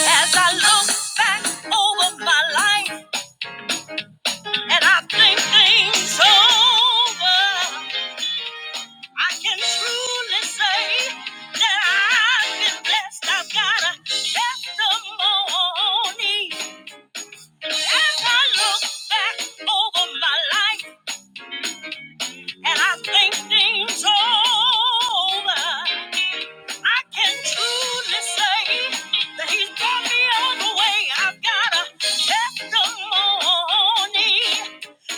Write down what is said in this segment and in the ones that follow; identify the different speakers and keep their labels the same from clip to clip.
Speaker 1: As I look back over my life and I think things over, I can truly say that I've been blessed. I've got a testimony. As I look back over my life and I think things over, I can truly say that he's brought me all the way. I've got a testimony.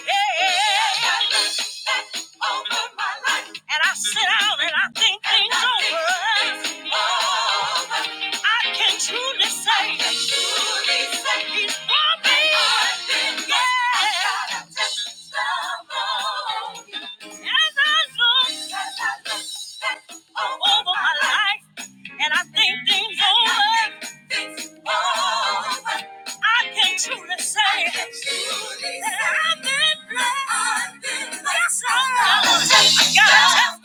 Speaker 1: And I sit down and I think things over. I can truly say, He's for me. Yeah. As I look over my life and I think things over. Things over. I can truly say that I've been blessed. I've been blessed. Yes, I have.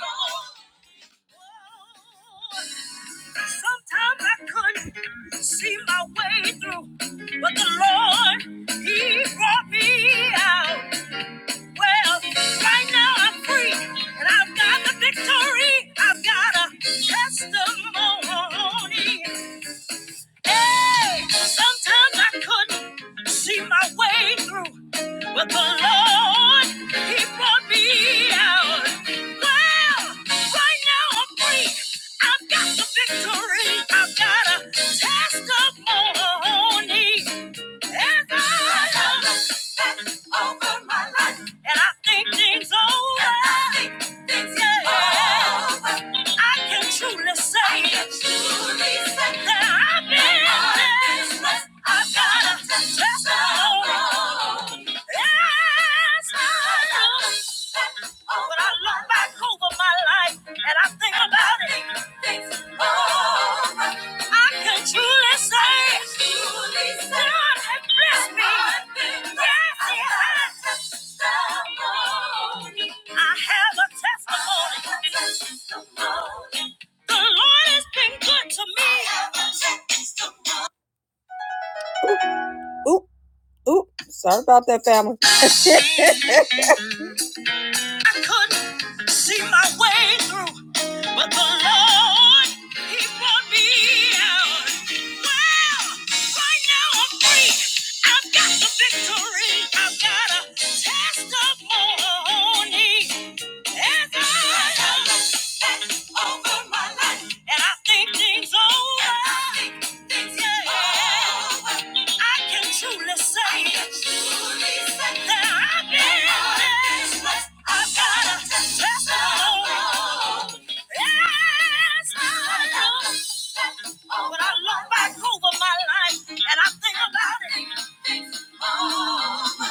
Speaker 1: Sometimes I couldn't see my way through, but the Lord, He brought me out. Well, right now I'm free, and I've got the victory. I've got a testimony. Hey, sometimes I couldn't see my way through, but the Lord, He brought me out. Well, right now I'm free. I've got the victory. I've got a testimony. And God has done over my life. And I think things over. I things yeah. over. can truly say. That I've been blessed. I've got a testimony. Yes, I know. But I look back over my life and I think about it. I can truly say God has blessed me. Yes, He has. I have a testimony. The Lord has been good to me. Oop, oop. Sorry about that, family. I couldn't see my way through. But the Lord, He brought me out. Well, right now I'm free. I've got the victory. I've got a testimony. There's a that's over my life. And I think things over. I can truly say that I've I've been blessed. I've got a testimony. Yes, I know. I look back over my life and I think about it. Oh.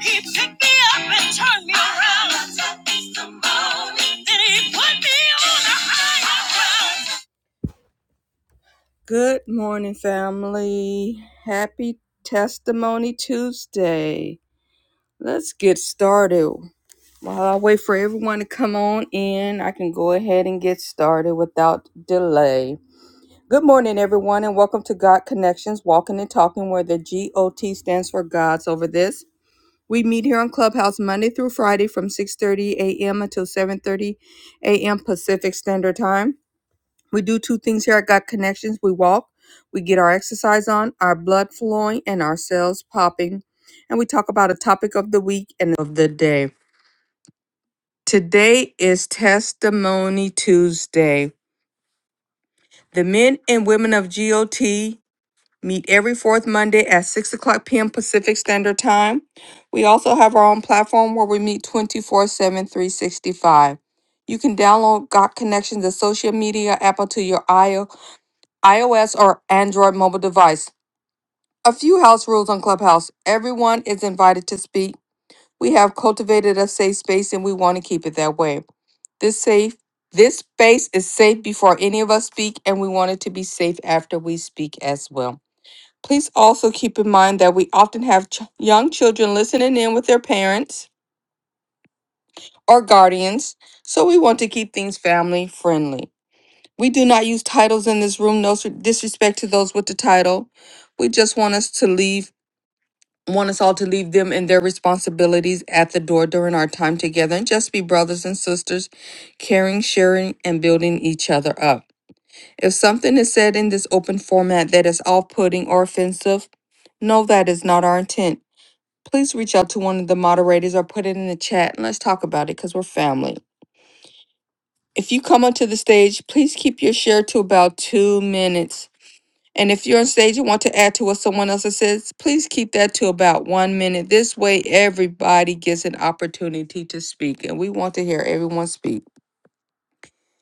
Speaker 1: He picked me up and turned me around. Then he put me on a higher ground. Good morning, family. Happy Testimony Tuesday. Let's get started. While I wait for everyone to come on in, I can go ahead and get started without delay. Good morning, everyone, and welcome to God Connections Walking and Talking, where the GOT stands for God's Over This. We meet here on Clubhouse Monday through Friday from 6:30 a.m. until 7:30 a.m. Pacific Standard Time. We do two things here at Got Connections. We walk, we get our exercise on, our blood flowing, and our cells popping. And we talk about a topic of the week and of the day. Today is Testimony Tuesday. The men and women of GOT meet every fourth Monday at 6 o'clock p.m. Pacific Standard Time. We also have our own platform where we meet twenty four seven, three sixty five. You can download Got Connections, the social media app, onto your iOS iOS or Android mobile device. A few house rules on Clubhouse. Everyone is invited to speak. We have cultivated a safe space and we want to keep it that way. This safe this space is safe before any of us speak and we want it to be safe after we speak as well. Please also keep in mind that we often have ch- young children listening in with their parents or guardians, so we want to keep things family friendly. We do not use titles in this room. No disrespect to those with the title. We just want us to leave, want us all to leave them and their responsibilities at the door during our time together and just be brothers and sisters, caring, sharing, and building each other up. If something is said in this open format that is off putting or offensive, no, that is not our intent. Please reach out to one of the moderators or put it in the chat and let's talk about it because we're family. If you come onto the stage, please keep your share to about two minutes And if you're on stage and want to add to what someone else has said, please keep that to about one minute. This way, everybody gets an opportunity to speak, and we want to hear everyone speak.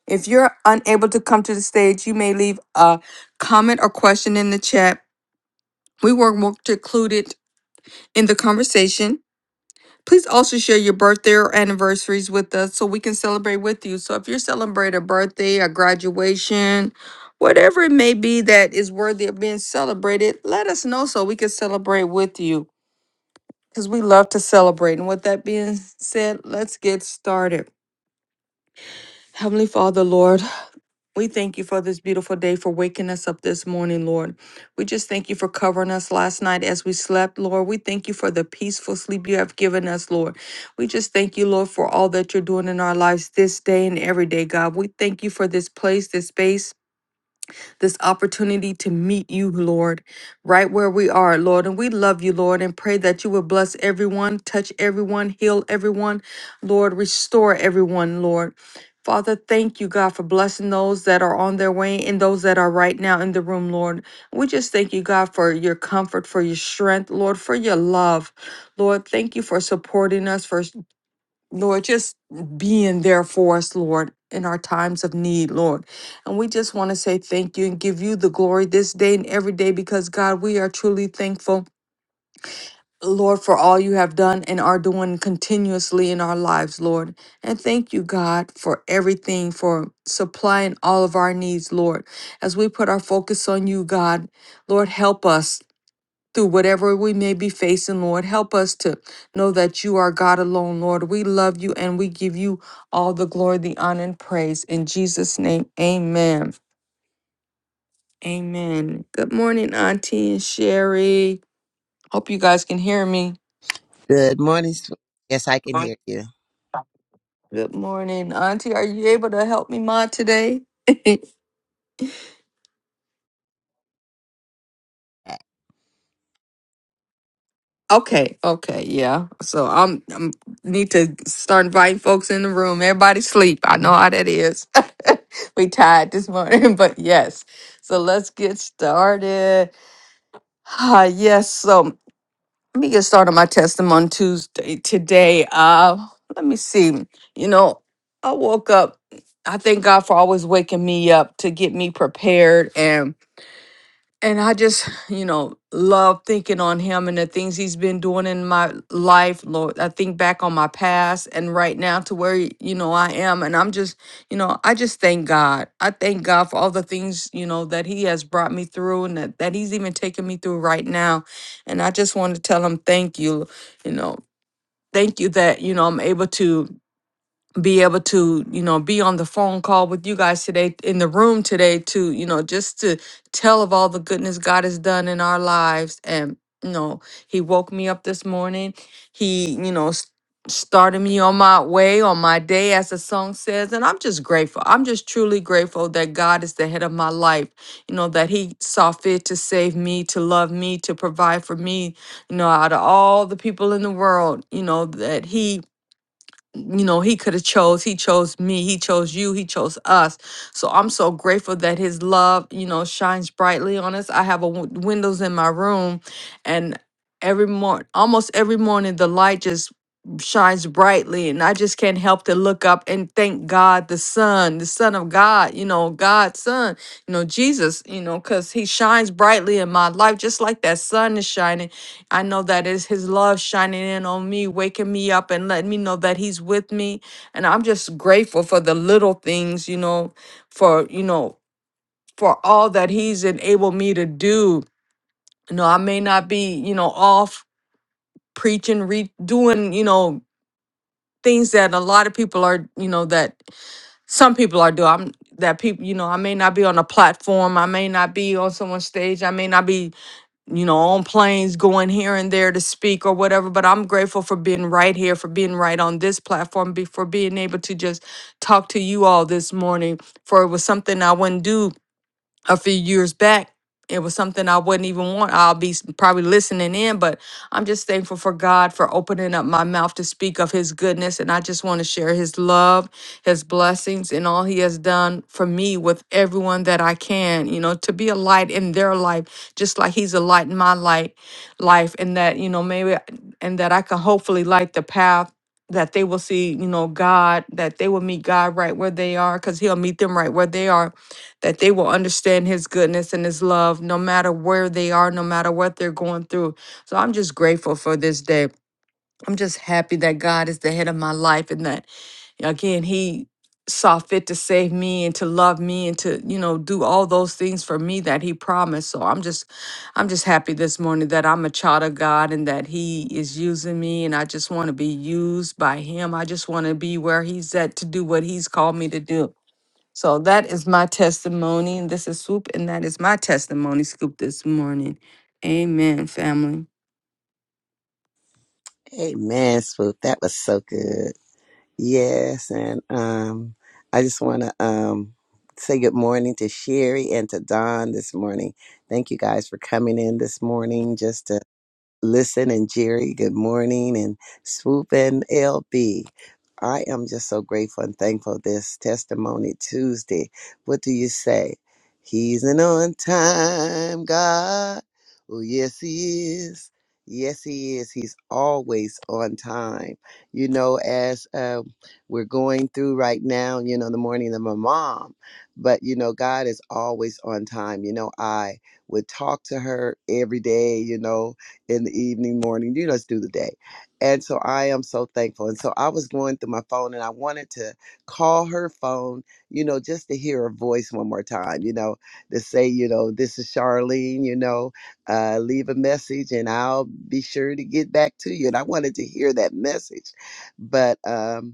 Speaker 1: If you're unable to come to the stage, you may leave a comment or question in the chat. We will work to include it in the conversation. Please also share your birthday or anniversaries with us so we can celebrate with you. So if you're celebrating a birthday, a graduation, whatever it may be that is worthy of being celebrated, let us know so we can celebrate with you because we love to celebrate. And with that being said, let's get started. Heavenly Father, Lord, we thank you for this beautiful day, for waking us up this morning, Lord. We just thank you for covering us last night as we slept, Lord. We thank you for the peaceful sleep you have given us, Lord. We just thank you, Lord, for all that you're doing in our lives this day and every day, God. We thank you for this place, this space, this opportunity to meet you, Lord, right where we are, Lord. And we love you, Lord, and pray that you would bless everyone, touch everyone, heal everyone, Lord, restore everyone, Lord. Father, thank you, God, for blessing those that are on their way and those that are right now in the room, Lord. We just thank you, God, for your comfort, for your strength, Lord, for your love. Lord, thank you for supporting us, for Lord, just being there for us, Lord, in our times of need, Lord. And we just want to say thank you and give you the glory this day and every day because, God, we are truly thankful, Lord, for all you have done and are doing continuously in our lives, Lord. And thank you, God, for everything, for supplying all of our needs, Lord. As we put our focus on you, God, Lord, help us through whatever we may be facing, Lord. Help us to know that you are God alone, Lord. We love you and we give you all the glory, the honor, and praise. In Jesus' name, amen. Amen. Good morning, Auntie and Sherry. Hope you guys can hear me.
Speaker 2: Good morning, Swoop. Yes, I can hear you.
Speaker 1: Good morning, Auntie. Are you able to help me mod today? Okay, okay, yeah. So I'm I'm need to start inviting folks in the room. Everybody sleep. I know how that is. we tired this morning, but yes. So let's get started. Ah, yes. So let me get started on my testimony Tuesday today. Uh, let me see. You know, I woke up. I thank God for always waking me up to get me prepared and I just, you know, love thinking on him and the things he's been doing in my life, Lord. I think back on my past and right now to where, you know, I am. And I'm just, you know, I just thank God. I thank God for all the things, you know, that he has brought me through and that, that he's even taken me through right now. And I just want to tell him thank you, you know, thank you that, you know, I'm able to be able to you know be on the phone call with you guys today in the room today to you know just to tell of all the goodness god has done in our lives and you know he woke me up this morning he you know s- started me on my way on my day as the song says and i'm just grateful i'm just truly grateful that god is the head of my life you know that he saw fit to save me to love me to provide for me you know out of all the people in the world you know that he you know he could have chose he chose me he chose you he chose us so i'm so grateful that his love you know shines brightly on us i have a w- windows in my room and every morning almost every morning the light just shines brightly and i just can't help to look up and thank god the son the son of god you know god's son you know jesus you know because he shines brightly in my life just like that sun is shining I know that it's his love shining in on me, waking me up and letting me know that he's with me. And I'm just grateful for the little things, you know, for, you know, for all that he's enabled me to do. You know, I may not be, you know, off preaching, re- doing, you know, things that a lot of people are, you know, that some people are doing. I'm that people, you know, I may not be on a platform. I may not be on someone's stage. I may not be you know, on planes going here and there to speak or whatever. But I'm grateful for being right here, for being right on this platform, be, for being able to just talk to you all this morning. For it was something I wouldn't do a few years back. It was something I wouldn't even want. I'll be s- probably listening in, but I'm just thankful for God for opening up my mouth to speak of His goodness. And I just want to share His love, His blessings, and all He has done for me with everyone that I can, you know, to be a light in their life, just like He's a light in my light, life. And that, you know, maybe, I- and that I can hopefully light the path that they will see, you know, God, that they will meet God right where they are, because He'll meet them right where they are that they will understand his goodness and his love no matter where they are, no matter what they're going through. So I'm just grateful for this day. I'm just happy that God is the head of my life and that, again, he saw fit to save me and to love me and to you know do all those things for me that he promised so i'm just i'm just happy this morning that i'm a child of god and that he is using me and i just want to be used by him i just want to be where he's at to do what he's called me to do so that is my testimony. And this is Swoop, and that is my testimony scoop this morning. Amen, family.
Speaker 2: Amen, Swoop. That was so good. Yes, and um, I just want to um, say good morning to Sherry and to Don this morning. Thank you guys for coming in this morning. Just to Listen and Jerry, good morning, and Swoop and LB. I am just so grateful and thankful this testimony Tuesday. What do you say? He's an on time God. Oh, yes, he is. Yes, he is. He's always on time. You know, as uh, we're going through right now, you know, the morning of my mom, but you know, God is always on time. You know, I would talk to her every day, you know, in the evening, morning, you just do the day. And so I am so thankful. And so I was going through my phone and I wanted to call her phone, you know, just to hear her voice one more time, you know, to say, you know, this is Charlene, you know, uh, leave a message and I'll be sure to get back to you. And I wanted to hear that message. But, um,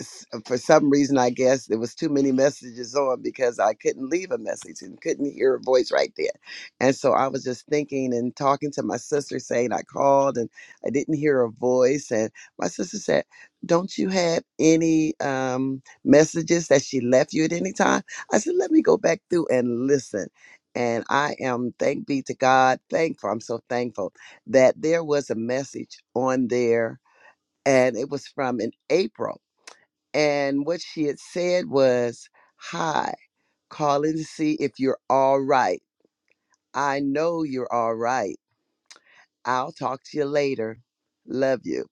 Speaker 2: s- for some reason, I guess there was too many messages on because I couldn't leave a message and couldn't hear a voice right there. And so I was just thinking and talking to my sister, saying I called and I didn't hear a voice. And my sister said, "Don't you have any um, messages that she left you at any time?" I said, "Let me go back through and listen." And I am thank be to God, thankful. I'm so thankful that there was a message on there, and it was from in April and what she had said was, Hi, calling to see if you're all right. I know you're all right. I'll talk to you later. Love you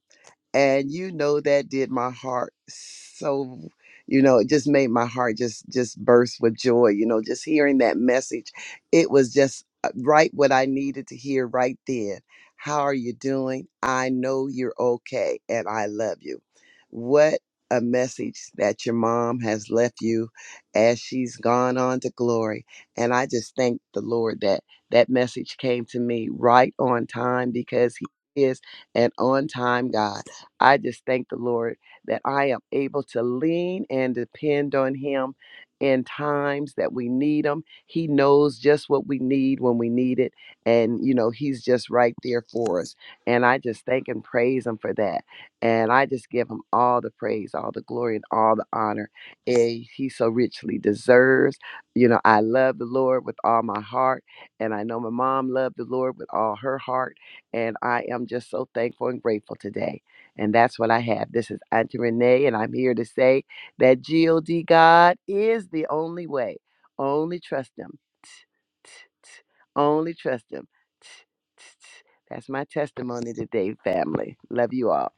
Speaker 2: and you know that did my heart so you know it just made my heart just just burst with joy you know just hearing that message it was just uh, right what i needed to hear right then how are you doing i know you're okay and i love you what a message that your mom has left you as she's gone on to glory and i just thank the lord that that message came to me right on time because he is an on time God I just thank the Lord that I am able to lean and depend on Him in times that we need Him. He knows just what we need when we need it. And, you know, He's just right there for us. And I just thank and praise Him for that. And I just give Him all the praise, all the glory, and all the honor eh, He so richly deserves. You know, I love the Lord with all my heart. And I know my mom loved the Lord with all her heart. And I am just so thankful and grateful today. And that's what I have. This is Auntie Renee, and I'm here to say that GOD God is the only way. Only trust Him. Only trust Him. That's my testimony today, family. Love you all.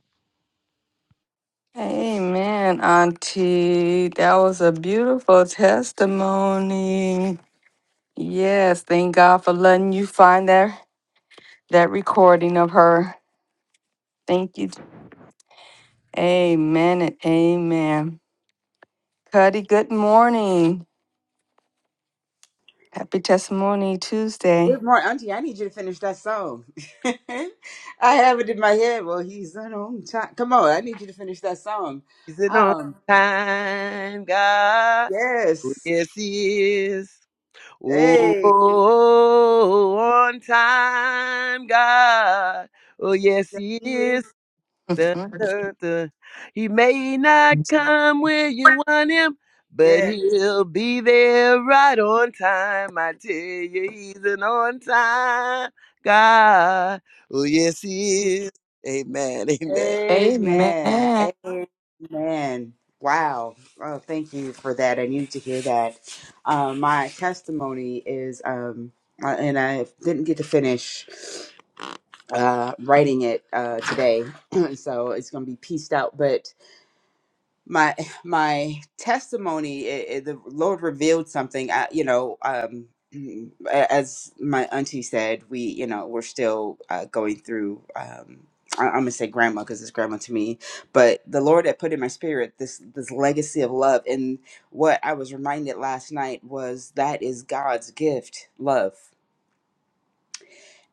Speaker 1: Amen, Auntie. That was a beautiful testimony. Yes, thank God for letting you find that that recording of her. Thank you. Amen and amen. Cuddy, good morning. Happy Testimony Tuesday.
Speaker 3: Good morning, Auntie. I need you to finish that song. I have it in my head. Well, he's on home time. Come on, I need you to finish that song.
Speaker 2: Is it on
Speaker 3: Um,
Speaker 2: time, God?
Speaker 3: yes.
Speaker 2: Yes, He is. Oh,
Speaker 3: Hey.
Speaker 2: on time, God. Oh, yes,
Speaker 3: Yes.
Speaker 2: He
Speaker 3: he is.
Speaker 2: is. Duh, duh, duh. He may not come where you want him, but
Speaker 3: Yes.
Speaker 2: he'll be there right on time. I tell you, he's an on time God. Oh, yes, he is. Amen. Amen.
Speaker 1: Amen.
Speaker 3: Amen. Amen. Wow. Oh, thank you for that. I needed to hear that. Um, my testimony is, um, uh, and I didn't get to finish uh, writing it uh, today, so it's going to be pieced out, but. my my testimony it, it- the lord revealed something I, you know um mm, a- as my auntie said we you know we're still uh, going through um I- I'm gonna say grandma because it's grandma to me, but the Lord had put in my spirit this this legacy of love, and what I was reminded last night was that is God's gift, love,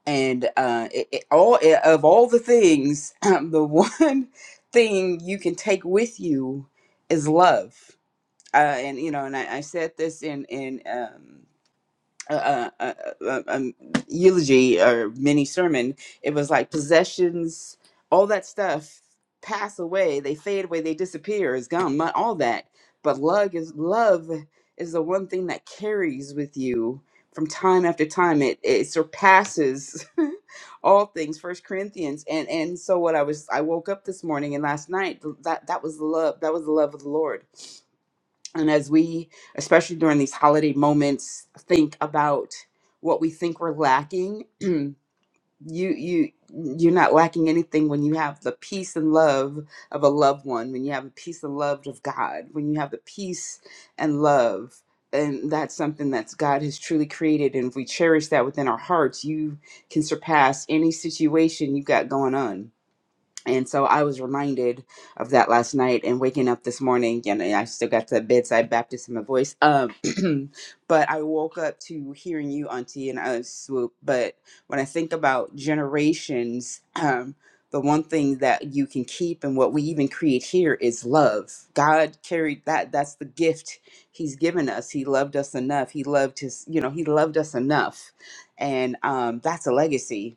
Speaker 3: and uh, it, it, all it, of all the things, the one thing you can take with you is love uh, and you know, and I, I said this in in um, a, a, a, a, um, eulogy or mini sermon. It was like possessions, all that stuff pass away, they fade away, they disappear, is gone, mon- all that. But love is love is the one thing that carries with you from time after time. It it surpasses all things. First Corinthians, and and so what I was, I woke up this morning and last night. That that was the love. That was the love of the Lord and as we, especially during these holiday moments, think about what we think we're lacking, you you you're not lacking anything when you have the peace and love of a loved one, when you have the peace and love of God, when you have the peace and love. And that's something that's God has truly created. And if we cherish that within our hearts, you can surpass any situation you've got going on and so I was reminded of that last night and waking up this morning, and I still got the bedside Baptist in my voice. Um, but I woke up to hearing you, Auntie, and I was swoop. But when I think about generations, um, the one thing that you can keep and what we even create here is love. God carried that. That's the gift He's given us. He loved us enough. He loved His, you know, He loved us enough, and um, that's a legacy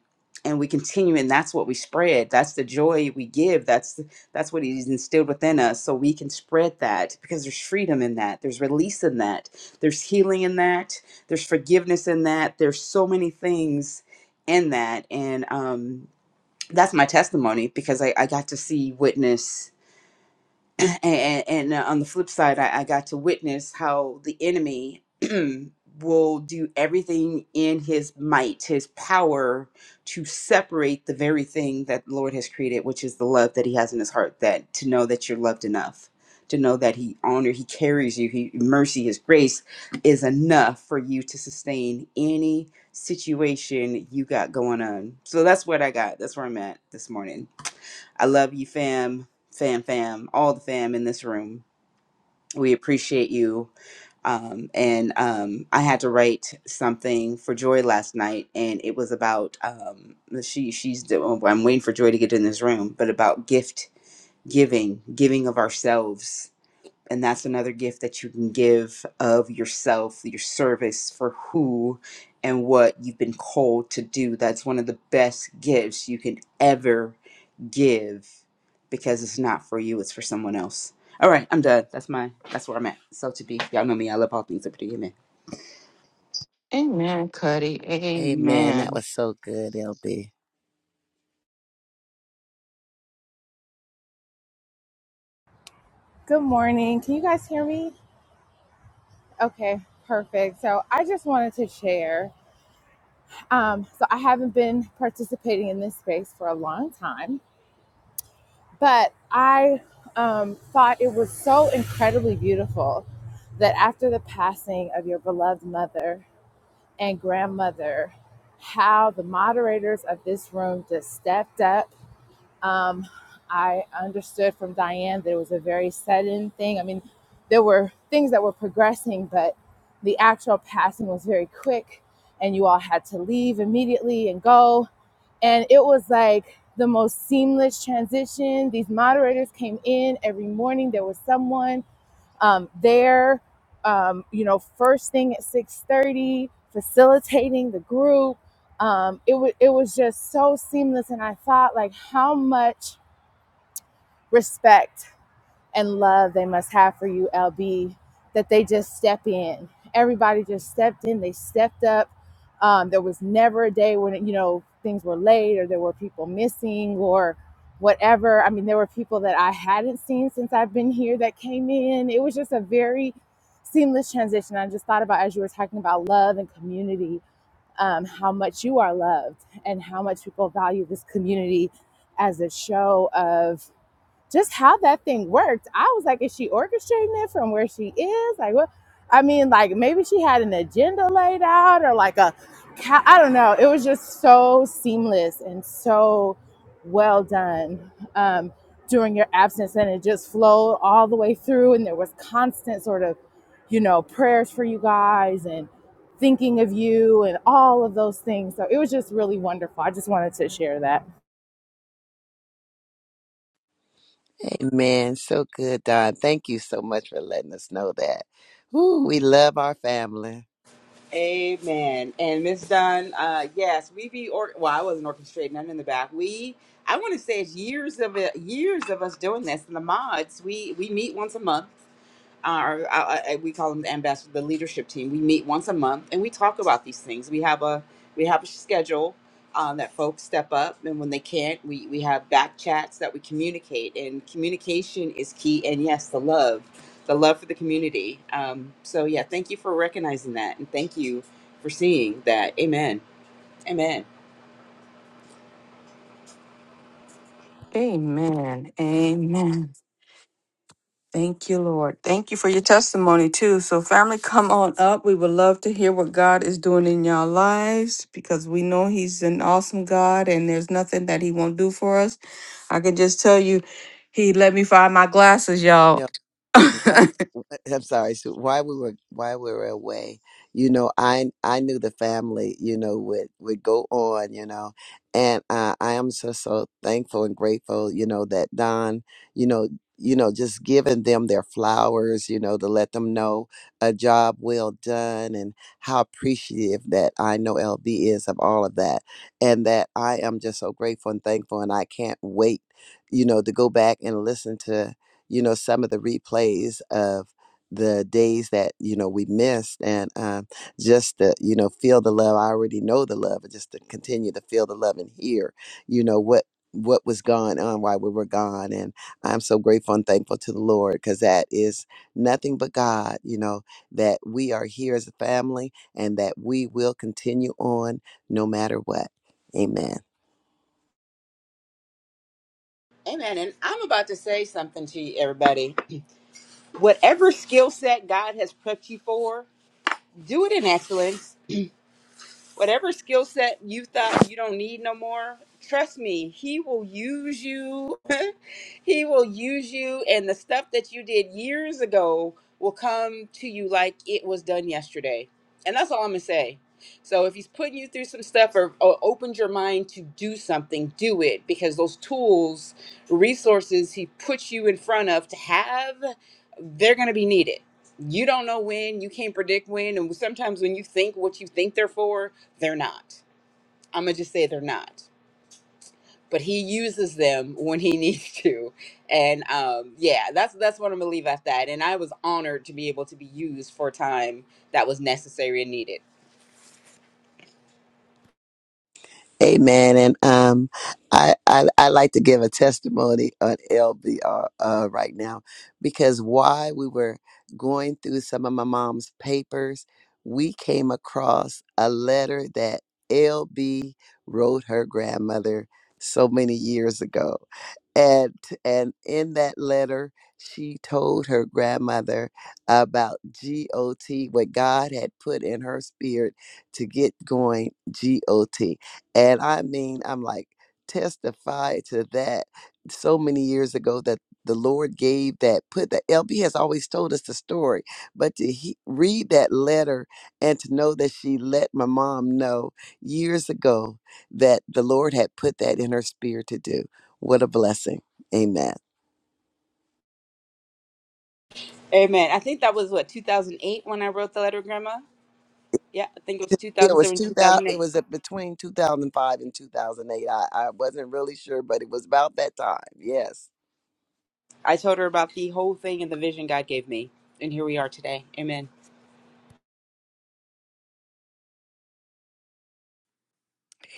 Speaker 3: and we continue and that's what we spread that's the joy we give that's that's what he's instilled within us so we can spread that because there's freedom in that there's release in that there's healing in that there's forgiveness in that there's so many things in that and um that's my testimony because i, I got to see witness and, and uh, on the flip side, I, I got to witness how the enemy will do everything in his might, his power, to separate the very thing that the Lord has created, which is the love that He has in His heart. That to know that you're loved enough, to know that He honor, He carries you, He mercy, His grace is enough for you to sustain any situation you got going on. So that's what I got. That's where I'm at this morning. I love you, fam, fam, fam, all the fam in this room. We appreciate you. Um, and um, I had to write something for Joy last night, and it was about um, she. She's. do- I'm waiting for Joy to get in this room, but about gift giving, giving of ourselves, and that's another gift that you can give of yourself, your service for who and what you've been called to do. That's one of the best gifts you can ever give because it's not for you, it's for someone else. All right, I'm done. That's my that's where I'm at. So to be, y'all know me. I love all things liberty. Amen.
Speaker 1: Amen, Cuddy.
Speaker 2: Amen. That
Speaker 1: Amen.
Speaker 2: was so good, LB.
Speaker 4: Good morning. Can you guys hear me? Okay, perfect. So I just wanted to share. Um, so I haven't been participating in this space for a long time, but I um, thought it was so incredibly beautiful that after the passing of your beloved mother and grandmother, how the moderators of this room just stepped up Um, I understood from Diane that it was a very sudden thing. I mean, there were things that were progressing, but the actual passing was very quick, and you all had to leave immediately and go. And it was like the most seamless transition. These moderators came in every morning. There was someone um, there, um, you know, first thing at six thirty, facilitating the group. Um, it was it was just so seamless, and I thought like how much respect and love they must have for you, LB, that they just step in. Everybody just stepped in, they stepped up. Um, there was never a day when, you know, things were late or there were people missing or whatever. I mean, there were people that I hadn't seen since I've been here that came in. It was just a very seamless transition. I just thought about as you were talking about love and community, um, how much you are loved and how much people value this community as a show of just how that thing worked. I was like, is she orchestrating it from where she is? Like, what? I mean, like maybe she had an agenda laid out or like a, ca- I don't know. It was just so seamless and so well done um, during your absence, and it just flowed all the way through. And there was constant sort of, you know, prayers for you guys and thinking of you and all of those things. So it was just really wonderful. I just wanted to share that.
Speaker 2: Amen. So good, Don. Thank you so much for letting us know that. Ooh, we love our family.
Speaker 3: Amen. And Miss Dunn, uh, yes, we be or well, I wasn't orchestrating. I'm in the back. We, I want to say, it's years of it, years of us doing this. And the mods, we we meet once a month. our, our, our- uh, we call them the ambassador, the leadership team. We meet once a month and we talk about these things. We have a we have a schedule um, that folks step up, and when they can't, we we have back chats that we communicate. And communication is key. And yes, the love, the love for the community. Um, so yeah, thank you for recognizing that, and thank you for seeing that. Amen. Amen.
Speaker 1: Amen. Amen. Thank you, Lord. Thank you for your testimony, too. So, family, come on up. We would love to hear what God is doing in your lives because we know He's an awesome God and there's nothing that He won't do for us. I can just tell you, He let me find my glasses, y'all.
Speaker 2: why- I'm sorry, Sue. Why we were why we were away, you know, I I knew the family, you know, would would go on, you know, and uh, I am so so thankful and grateful, you know, that Don, you know, you know, just giving them their flowers, you know, to let them know a job well done and how appreciative that I know LB is of all of that, and that I am just so grateful and thankful, and I can't wait, you know, to go back and listen to you know, some of the replays of the days that, you know, we missed and um, just to, you know, feel the love. I already know the love, but just to continue to feel the love and hear, you know, what what was going on while we were gone and i'm so grateful and thankful to the lord because that is nothing but god you know that we are here as a family and that we will continue on no matter what amen
Speaker 3: Amen. And I'm about to say something to you, everybody. Whatever skill set God has prepped you for, do it in excellence whatever skill set you thought you don't need no more trust me he will use you he will use you and the stuff that you did years ago will come to you like it was done yesterday and that's all i'm gonna say so if he's putting you through some stuff or, or opened your mind to do something do it because those tools resources he puts you in front of to have they're gonna be needed you don't know when you can't predict when and sometimes when you think what you think they're for they're not. I'm gonna just say they're not. But he uses them when he needs to, and um, yeah, that's that's what I'm gonna leave at that. And I was honored to be able to be used for a time that was necessary and needed.
Speaker 2: Amen. And um, I, I I like to give a testimony on LBR uh, right now because while we were going through some of my mom's papers, we came across a letter that LB wrote her grandmother so many years ago, and and in that letter she told her grandmother about GOT, what God had put in her spirit to get going GOT. And I mean, I'm like, testify to that so many years ago that the Lord gave that, put that. LB has always told us the story, but to he, read that letter and to know that she let my mom know years ago that the Lord had put that in her spirit to do. What a blessing. Amen.
Speaker 3: Amen. I think that was what 2008 when I wrote the letter, Grandma. Yeah, I think it was
Speaker 2: It was
Speaker 3: 2007,
Speaker 2: 2000, it
Speaker 3: 2008.
Speaker 2: was at between 2005 and 2008. I, I wasn't really sure, but it was about that time. Yes.
Speaker 3: I told her about the whole thing and the vision God gave me, and here we are today. Amen.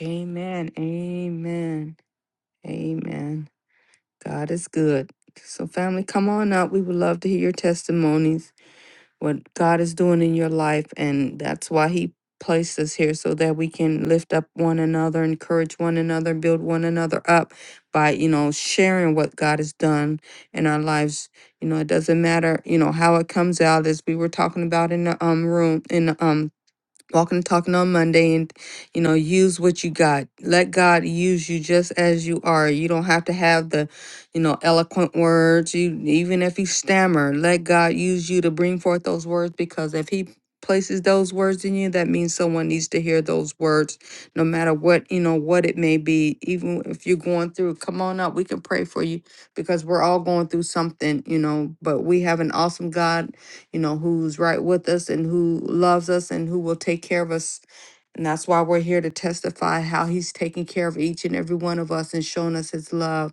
Speaker 1: amen. Amen. Amen. God is good. So, family, come on up. We would love to hear your testimonies. what God is doing in your life. And that's why He placed us here so that we can lift up one another, encourage one another, build one another up by, you know, sharing what God has done in our lives. You know, it doesn't matter, you know, how it comes out as we were talking about in the um room in the um walking and talking on Monday and you know use what you got. Let God use you just as you are. You don't have to have the you know eloquent words. You even if you stammer, let God use you to bring forth those words because if he places those words in you that means someone needs to hear those words no matter what you know what it may be even if you're going through come on up we can pray for you because we're all going through something you know but we have an awesome god you know, who's right with us and who loves us and who will take care of us. And that's why we're here to testify how he's taking care of each and every one of us and showing us his love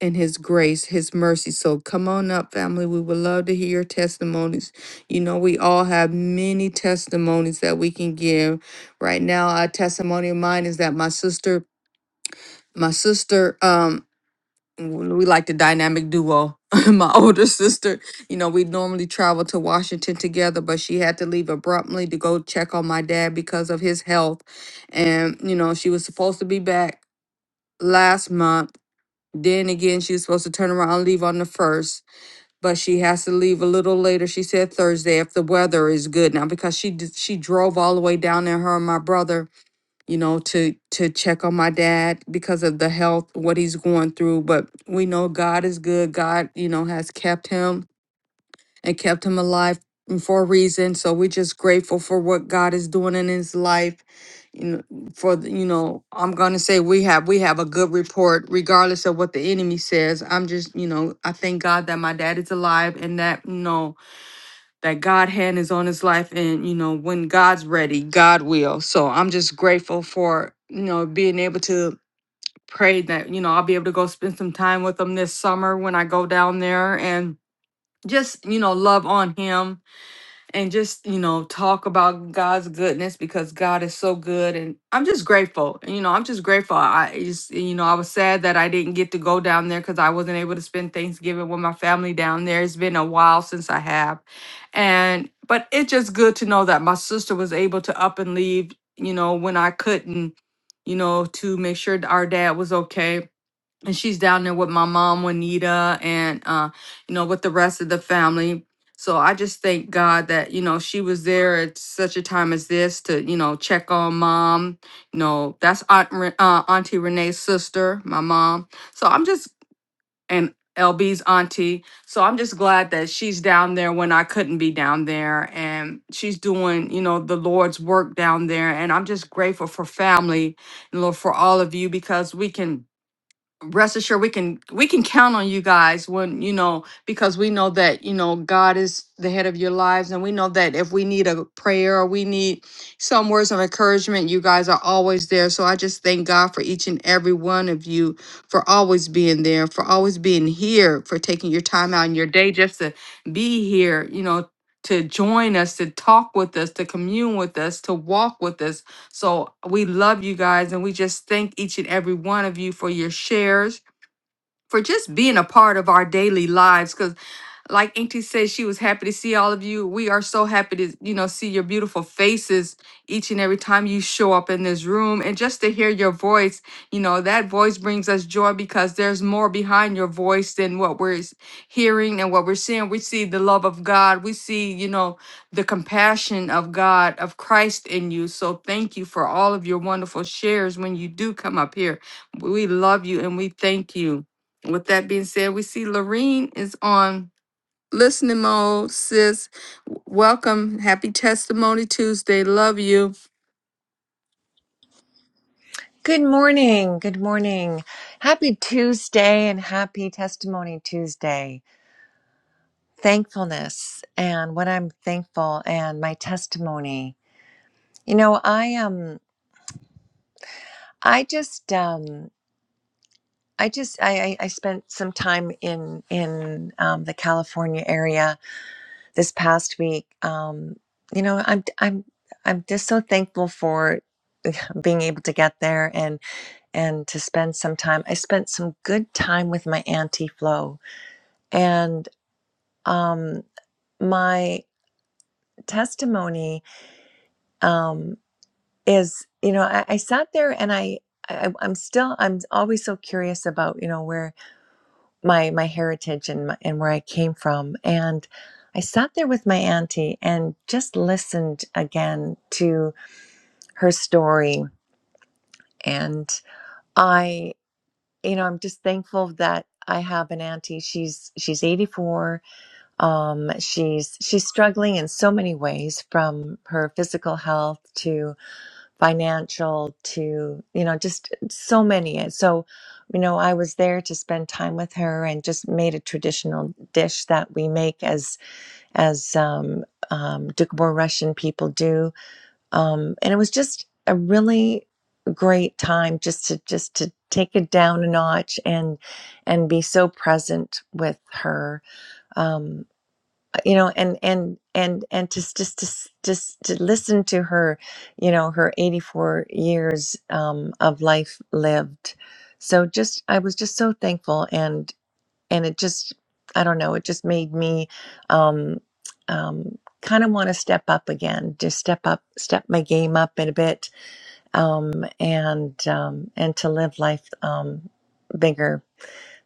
Speaker 1: and his grace, his mercy. So come on up, family. We would love to hear your testimonies. You know, we all have many testimonies that we can give. Right now, a testimony of mine is that my sister, my sister, um, w- we like the dynamic duo. My older sister, you know, we normally travel to Washington together, but she had to leave abruptly to go check on my dad because of his health. And, you know, she was supposed to be back last month. Then again, she was supposed to turn around and leave on the first, but she has to leave a little later. She said Thursday if the weather is good now because she d- she drove all the way down there, her and my brother you know to to check on my dad because of the health what he's going through but we know god is good god you know has kept him and kept him alive for a reason so we're just grateful for what god is doing in his life you know for the- you know i'm gonna say we have we have a good report regardless of what the enemy says i'm just you know i thank god that my dad is alive and that you know that God hand is on his life and you know when God's ready, God will. So I'm just grateful for you know being able to pray that you know I'll be able to go spend some time with him this summer when I go down there and just you know love on him and just you know talk about God's goodness because God is so good and I'm just grateful. You know, I'm just grateful. I just you know, I was sad that I didn't get to go down there cuz I wasn't able to spend Thanksgiving with my family down there. It's been a while since I have. And but it's just good to know that my sister was able to up and leave, you know, when I couldn't, you know, to make sure that our dad was okay and she's down there with my mom Juanita and uh you know with the rest of the family. So I just thank God that you know she was there at such a time as this to you know check on mom. You know that's Aunt Re- uh, Auntie Renee's sister, my mom. So I'm just and LB's auntie. So I'm just glad that she's down there when I couldn't be down there, and she's doing you know the Lord's work down there. And I'm just grateful for family, and Lord for all of you because we can rest assured we can we can count on you guys when you know because we know that you know god is the head of your lives and we know that if we need a prayer or we need some words of encouragement you guys are always there so i just thank god for each and every one of you for always being there for always being here for taking your time out in your day just to be here you know to join us to talk with us to commune with us to walk with us so we love you guys and we just thank each and every one of you for your shares for just being a part of our daily lives because like auntie said she was happy to see all of you we are so happy to you know see your beautiful faces each and every time you show up in this room and just to hear your voice you know that voice brings us joy because there's more behind your voice than what we're s- hearing and what we're seeing we see the love of god we see you know the compassion of god of christ in you so thank you for all of your wonderful shares when you do come up here we love you and we thank you with that being said, we see Lorene is on listening mode. Sis, w- welcome. Happy Testimony Tuesday. Love you.
Speaker 5: Good morning. Good morning. Happy Tuesday and happy Testimony Tuesday. Thankfulness and what I'm thankful and my testimony. You know, I um I just um I just I I, I spent some time in in um, the California area this past week. Um, you know, I'm I'm I'm just so thankful for being able to get there and and to spend some time. I spent some good time with my auntie Flo And um, my testimony um, is, you know, I, I sat there and I, I, I'm still, I'm always so curious about, you know, where my my heritage and my, and where I came from. And I sat there with my auntie and just listened again to her story. And I, you know, I'm just thankful that I have an auntie. She's she's 84 Um, she's she's struggling in so many ways, from her physical health to financial to you know just so many. And so, you know, I was there to spend time with her and just made a traditional dish that we make as as um, um, Dukbor Russian people do, um, and it was just a really great time just to just to take it down a notch and and be so present with her Um, you know and and and and just just to just to listen to her you know her 84 years um of life lived so just i was just so thankful and and it just i don't know it just made me um um kind of want to step up again just step up step my game up in a bit um and um and to live life um bigger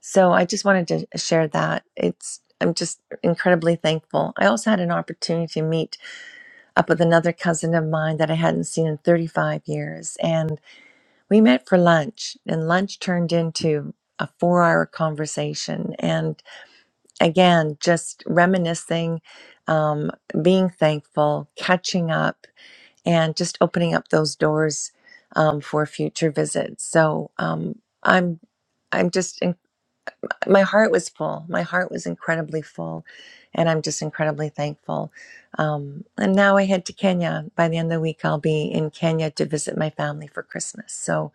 Speaker 5: so I just wanted to uh, share that. It's I'm just incredibly thankful. I also had an opportunity to meet up with another cousin of mine that I hadn't seen in 35 years and we met for lunch and lunch turned into a 4-hour conversation and again just reminiscing um, being thankful, catching up and just opening up those doors um, for future visits. So um, I'm I'm just my heart was full. My heart was incredibly full, and I'm just incredibly thankful. Um, and now I head to Kenya. By the end of the week, I'll be in Kenya to visit my family for Christmas. So,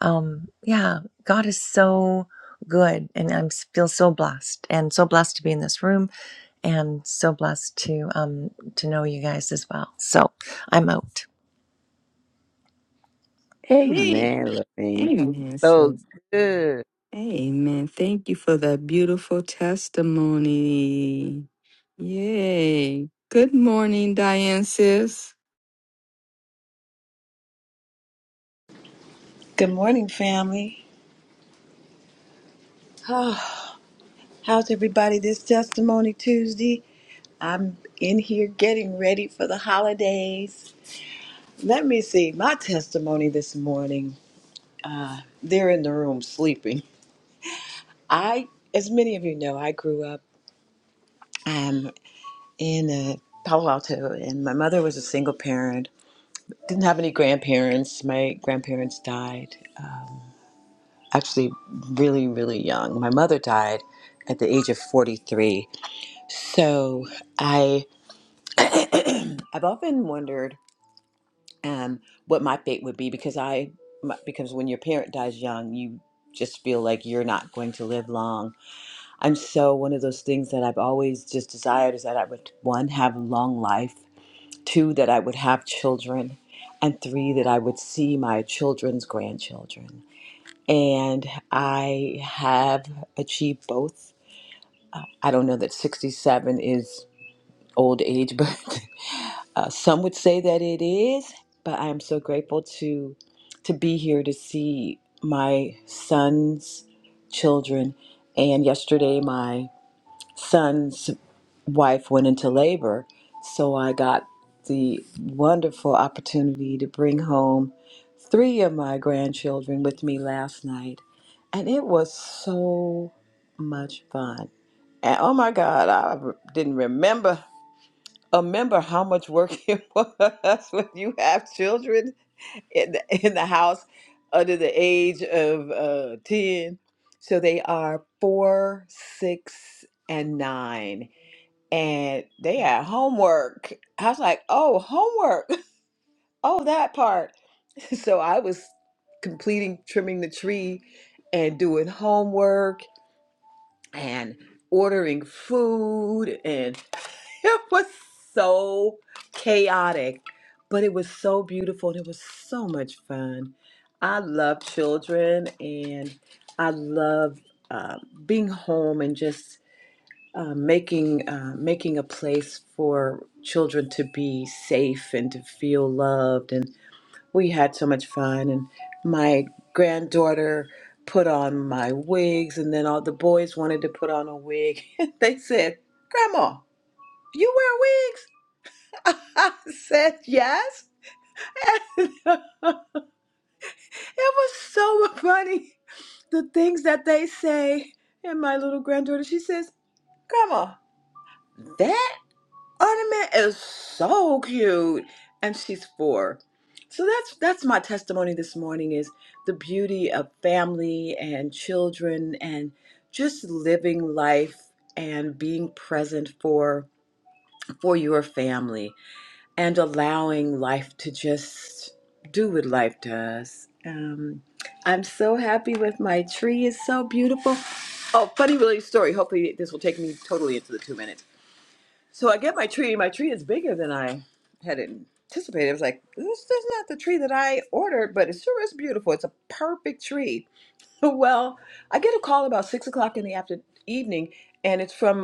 Speaker 5: um, yeah, God is so good, and I feel so blessed, and so blessed to be in this room, and so blessed to um, to know you guys as well. So, I'm out.
Speaker 1: Hey,
Speaker 2: Amen, Lorraine.
Speaker 1: amen,
Speaker 2: So
Speaker 1: sis.
Speaker 2: good.
Speaker 1: Amen. Thank you for that beautiful testimony. Yay. Good morning, Diane, sis.
Speaker 6: Good morning, family. How's everybody this Testimony Tuesday? I'm in here getting ready for the holidays. Let me see my testimony this morning. They're in the room sleeping. I, as many of you know, I grew up um, in uh, Palo Alto, and my mother was a single parent. Didn't have any grandparents. My grandparents died actually really, really young. My mother died at the age of 43. So I I've often wondered um, what my fate would be because I my, because when your parent dies young, you just feel like you're not going to live long. I'm so one of those things that I've always just desired is that I would one have a long life, two that I would have children, and three that I would see my children's grandchildren. And I have achieved both. I don't know that 67 is old age, but Uh, some would say that it is, but I am so grateful to to be here to see my son's children. And yesterday, my son's wife went into labor, so I got the wonderful opportunity to bring home three of my grandchildren with me last night, and it was so much fun. And oh my God, I didn't remember remember how much work it was when you have children in the, in the house under the age of uh, 10. So they are four, six, and nine. And they had homework. I was like, oh, homework. Oh, that part. So I was completing trimming the tree and doing homework and ordering food. and. It was so chaotic, but it was so beautiful and it was so much fun. I love children and I love uh, being home and just uh, making uh, making a place for children to be safe and to feel loved. And we had so much fun. And my granddaughter put on my wigs, and then all the boys wanted to put on a wig. they said, "Grandma, you wear wigs?" I said yes. it was so funny. The things that they say. And my little granddaughter, she says, Grandma, that ornament is so cute. And she's four. So that's that's my testimony this morning is the beauty of family and children and just living life and being present for for your family and allowing life to just do what life does. Um, I'm so happy with my tree. It's so beautiful. Oh, funny related story. Hopefully, this will take me totally into the two minutes. So I get my tree. My tree is bigger than I had anticipated. I was like, this is not the tree that I ordered, but it sure is beautiful. It's a perfect tree. Well, I get a call about six o'clock in the after evening, and it's from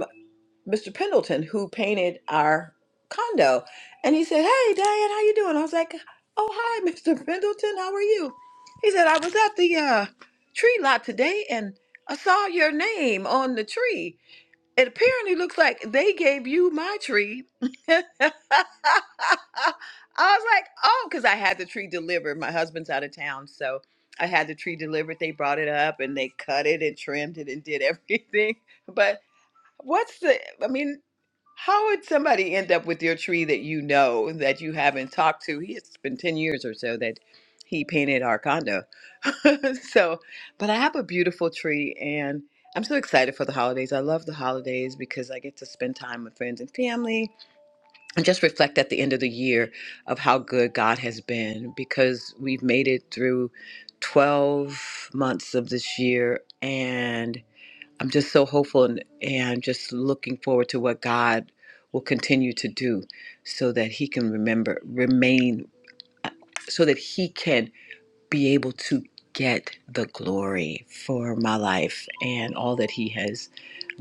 Speaker 6: Mr. Pendleton who painted our condo. And he said, Hey Diane, how you doing? I was like, Oh hi, Mr. Pendleton, how are you? He said, I was at the uh, tree lot today and I saw your name on the tree. It apparently looks like they gave you my tree. I was like, oh, because I had the tree delivered. My husband's out of town, so I had the tree delivered. They brought it up and they cut it and trimmed it and did everything. But what's the? I mean, how would somebody end up with your tree that you know that you haven't talked to? He- It's been 10 years or so that he painted our condo. so, but I have a beautiful tree and I'm so excited for the holidays. I love the holidays because I get to spend time with friends and family and just reflect at the end of the year of how good God has been because we've made it through 12 months of this year and. I'm just so hopeful and, and just looking forward to what God will continue to do so that he can remember, remain, uh, so that he can be able to get the glory for my life and all that he has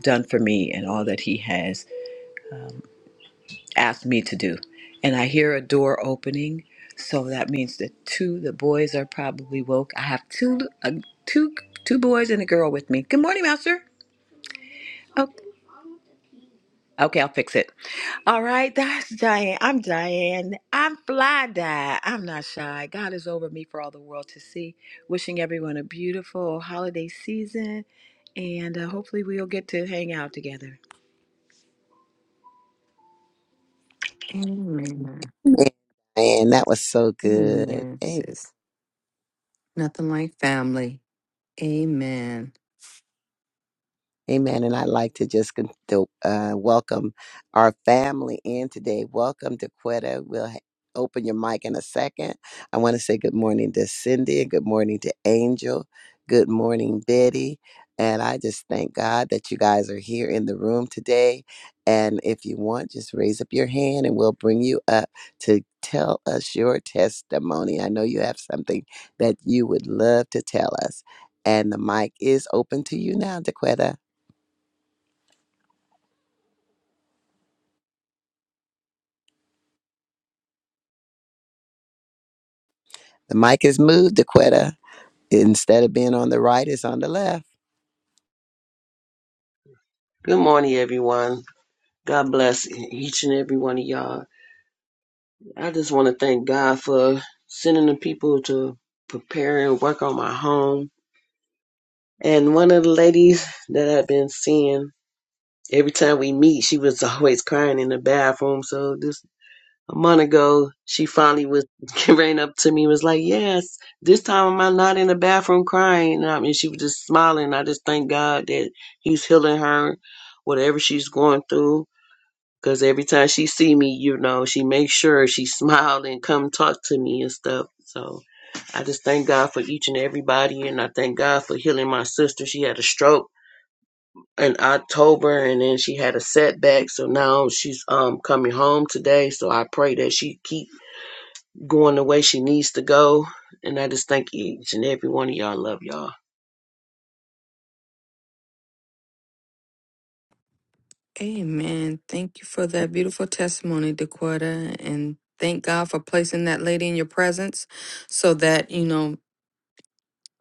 Speaker 6: done for me and all that he has um, asked me to do. And I hear a door opening. So that means that two, the boys are probably woke. I have two, uh, two, two boys and a girl with me. Good morning, Master. Oh, okay, I'll fix it. All right, that's Diane. I'm Diane. I'm fly die. I'm not shy. God is over me for all the world to see. Wishing everyone a beautiful holiday season, and uh, hopefully we'll get to hang out together.
Speaker 1: Amen.
Speaker 2: Man, man, that was so good.
Speaker 1: Amen, sis. Nothing like family. Amen.
Speaker 2: Amen. And I'd like to just con- to, uh, welcome our family in today. Welcome to Quetta. We'll ha- open your mic in a second. I want to say good morning to Cindy and good morning to Angel. Good morning, Betty. And I just thank God that you guys are here in the room today. And if you want, just raise up your hand and we'll bring you up to tell us your testimony. I know you have something that you would love to tell us. And the mic is open to you now, DeQuetta. The mic is moved, Dequetta. Instead of being on the right, it's on the left.
Speaker 7: Good morning, everyone. God bless each and every one of y'all. I just want to thank God for sending the people to prepare and work on my home. And one of the ladies that I've been seeing, every time we meet, she was always crying in the bathroom. So this a month ago, she finally was ran up to me and was like, Yes, this time am I not in the bathroom crying? And I mean, she was just smiling. I just thank God that He's healing her, whatever she's going through Cause every time she see me, you know, she makes sure she smile and come talk to me and stuff. So I just thank God for each and everybody, and I thank God for healing my sister. She had a stroke in October, and then she had a setback. So now she's um coming home today. So I pray that she keep going the way she needs to go. And I just thank each and every one of y'all. Love y'all.
Speaker 1: Amen. Thank you for that beautiful testimony, Dakota. And thank God for placing that lady in your presence so that, you know,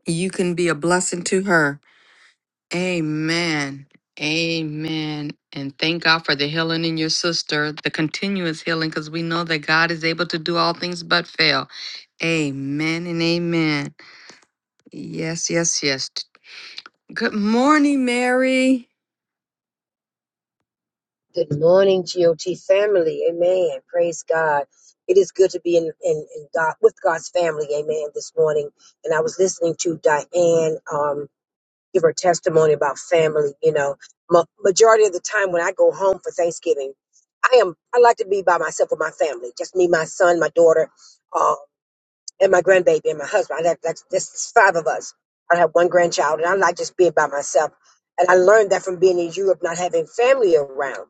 Speaker 1: you can be a blessing to her. Amen. Amen. And thank God for the healing in your sister, the continuous healing, because we know that God is able to do all things but fail. Amen and amen. Yes, yes, yes. Good morning, Mary.
Speaker 8: Good morning, GOT family. Amen. Praise God. It is good to be in, in, in God with God's family. Amen. This morning, and I was listening to Diane um, give her testimony about family. You know, ma- majority of the time when I go home for Thanksgiving, I am I like to be by myself with my family, just me, my son, my daughter, uh, and my grandbaby and my husband. I like that's that's five of us. I have one grandchild, and I like just being by myself. And I learned that from being in Europe, not having family around.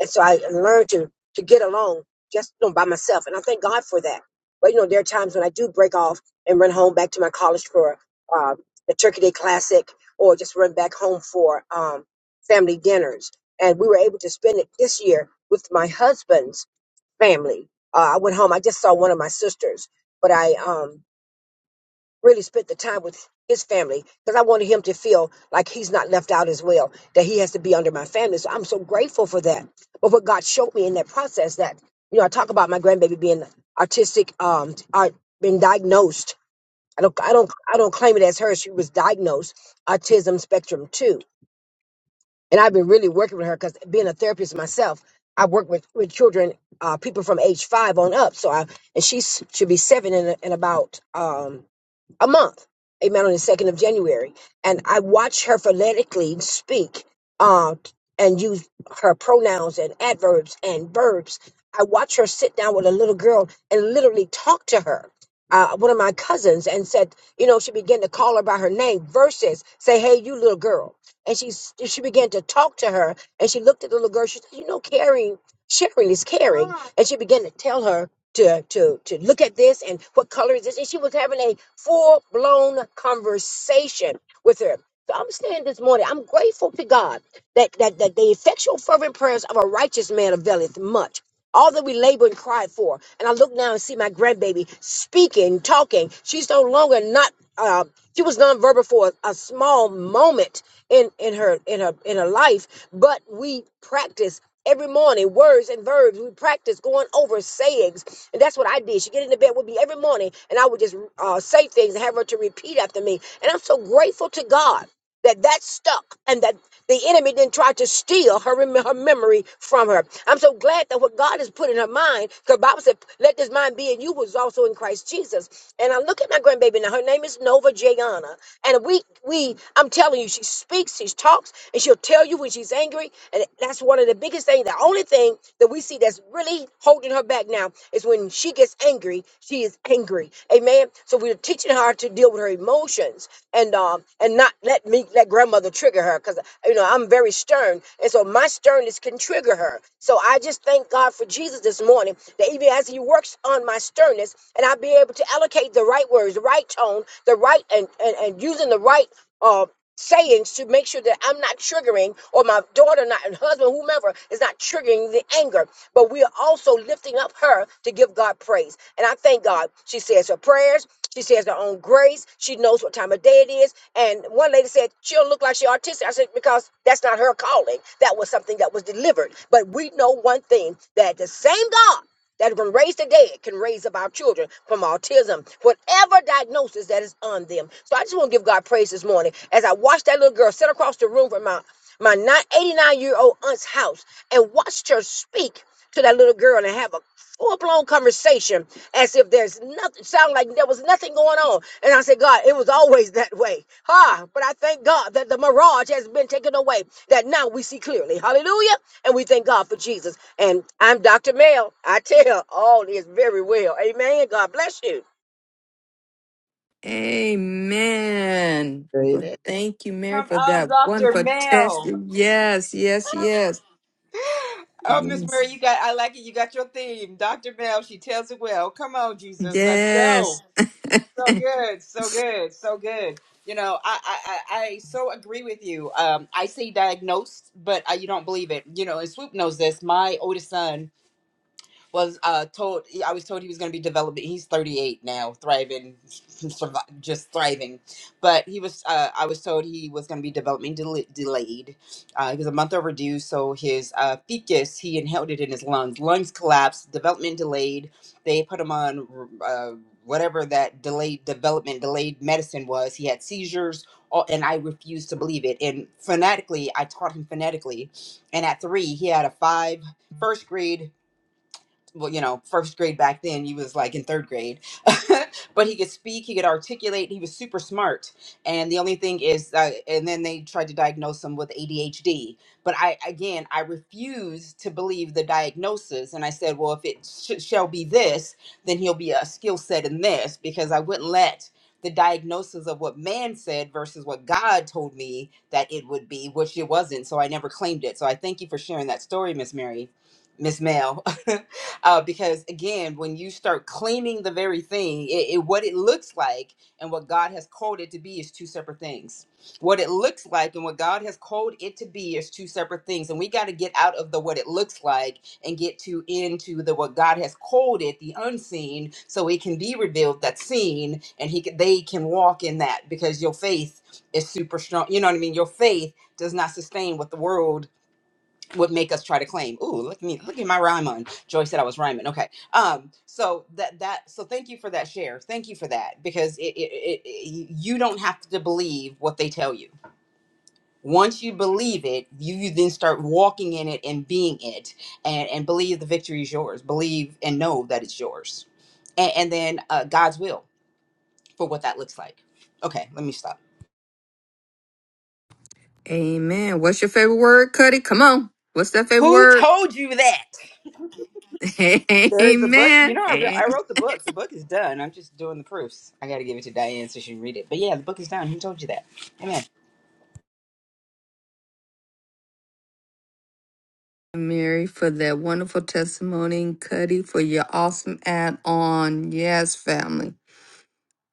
Speaker 8: And so I learned to to get along just you know, by myself. And I thank God for that. But you know, there are times when I do break off and run home back to my college for uh, the Turkey Day Classic or just run back home for um, family dinners. And we were able to spend it this year with my husband's family. Uh, I went home. I just saw one of my sisters, but I um, really spent the time with his family because I wanted him to feel like he's not left out as well, that he has to be under my family. So I'm so grateful for that. But what God showed me in that process that, you know, I talk about my grandbaby being artistic, um, art, been diagnosed. I don't, I don't, I don't claim it as her. She was diagnosed autism spectrum two. And I've been really working with her because being a therapist myself, I work with, with children, uh, people from age five on up. So I, and she should be seven in, in about, um, a month, amen, on the 2nd of January. And I watched her phonetically speak uh, and use her pronouns and adverbs and verbs I watched her sit down with a little girl and literally talk to her. Uh, one of my cousins and said, you know, she began to call her by her name versus say, hey, you little girl. And she s- she began to talk to her and she looked at the little girl. She said, you know, caring, sharing is caring. And she began to tell her to to to look at this and what color is this. And she was having a full blown conversation with her. So I'm saying this morning, I'm grateful to God that that, that the effectual fervent prayers of a righteous man availeth much all that we labor and cry for. And I look now and see my grandbaby speaking, talking. She's no longer not. Uh, she was nonverbal for a, a small moment in in her in her in her life, but we practice. Every morning, words and verbs, we practice going over sayings. And that's what I did. She get into bed with me every morning, and I would just uh, say things and have her to repeat after me. And I'm so grateful to God that that stuck and that the enemy didn't try to steal her, rem- her memory from her. I'm so glad that what God has put in her mind, because Bible said, let this mind be in you was also in Christ Jesus. And I look at my grandbaby now, her name is Nova Jayana. And we, we, I'm telling you, she speaks, she talks, and she'll tell you when she's angry. And that's one of the biggest things, the only thing that we see that's really holding her back back now is when she gets angry, she is angry. Amen. So we're teaching her to deal with her emotions and um and not let me let grandmother trigger her because you know I'm very stern. And so my sternness can trigger her. So I just thank God for Jesus this morning that even as he works on my sternness and I'll be able to allocate the right words, the right tone, the right and and, and using the right uh sayings to make sure that I'm not triggering or my daughter not and husband whomever is not triggering the anger but we are also lifting up her to give God praise and I thank God she says her prayers she says her own grace she knows what time of day it is and one lady said she'll look like she autistic I said because that's not her calling that was something that was delivered but we know one thing that the same God that can raise the dead, can raise up our children from autism, whatever diagnosis that is on them. So I just want to give God praise this morning as I watched that little girl sit across the room from my my 89 year old aunt's house and watched her speak to that little girl and have a full blown conversation as if there's nothing, sound like there was nothing going on. And I said, God, it was always that way. Ha! But I thank God that the mirage has been taken away, that now we see clearly. Hallelujah. And we thank God for Jesus. And I'm Dr. Mel. I tell all this very well. Amen. God bless you.
Speaker 1: Amen.
Speaker 2: Read
Speaker 1: Well,
Speaker 2: it.
Speaker 1: thank you, Mary,
Speaker 3: Come
Speaker 1: for
Speaker 3: on,
Speaker 1: that
Speaker 3: Doctor
Speaker 1: wonderful test.
Speaker 3: Mayo.
Speaker 1: Yes, yes, yes.
Speaker 3: Oh, Miss
Speaker 1: Yes.
Speaker 3: Murray, you got I like it. You got your theme. Dr. Mel, she tells it well. Come on, Jesus. Let's go.
Speaker 1: Yes.
Speaker 3: So good. So good. So good. You know, I I, I I so agree with you. Um, I say diagnosed, but I, you don't believe it. You know, and Swoop knows this. My oldest son was uh told I was told he was going to be developing. He's 38 now, thriving, survi- just thriving. But he was uh, I was told he was going to be development del- delayed. Uh, he was a month overdue, so his uh, fecus he inhaled it in his lungs. Lungs collapsed, development delayed. They put him on uh, whatever that delayed development delayed medicine was. He had seizures, all, and I refused to believe it. And phonetically, I taught him phonetically, and at three he had a five first grade well, you know, first grade back then, you was like in third grade. but he could speak, he could articulate, he was super smart. And the only thing is, uh, and then they tried to diagnose him with ADHD. But I, again, I refused to believe the diagnosis. And I said, well, if it sh- shall be this, then he'll be a skill set in this, because I wouldn't let the diagnosis of what man said versus what God told me that it would be, which it wasn't. So I never claimed it. So I thank you for sharing that story, Miss Mary, Miss Mel. uh, because again, when you start claiming the very thing, it, it what it looks like and what God has called it to be is two separate things. What it looks like and what God has called it to be is two separate things, and we got to get out of the what it looks like and get to into the what God has called it, the unseen, so it can be revealed that's seen, and he can, they can walk in that because your faith is super strong. You know what I mean? Your faith does not sustain what the world would make us try to claim. Ooh, look at me, look at my rhyme on. Joy said I was rhyming. Okay. Um, so that that so thank you for that share. Thank you for that because it, it, it, it you don't have to believe what they tell you. Once you believe it, you, you then start walking in it and being it and, and believe the victory is yours. Believe and know that it's yours. And, and then uh, God's will for what that looks like. Okay, let me stop.
Speaker 1: Amen. What's your favorite word, Cuddy? Come on. What's that favorite
Speaker 3: Who
Speaker 1: word?
Speaker 3: told you that? There is a book. You
Speaker 1: Amen.
Speaker 3: know, I, re-
Speaker 1: Amen.
Speaker 3: I wrote the book. The book is done. I'm just doing the proofs. I got to give it to Diane so she can read it. But yeah, the book is done. Who told you that? Amen.
Speaker 1: Mary, for that wonderful testimony, and Cuddy, for your awesome add on. Yes, family.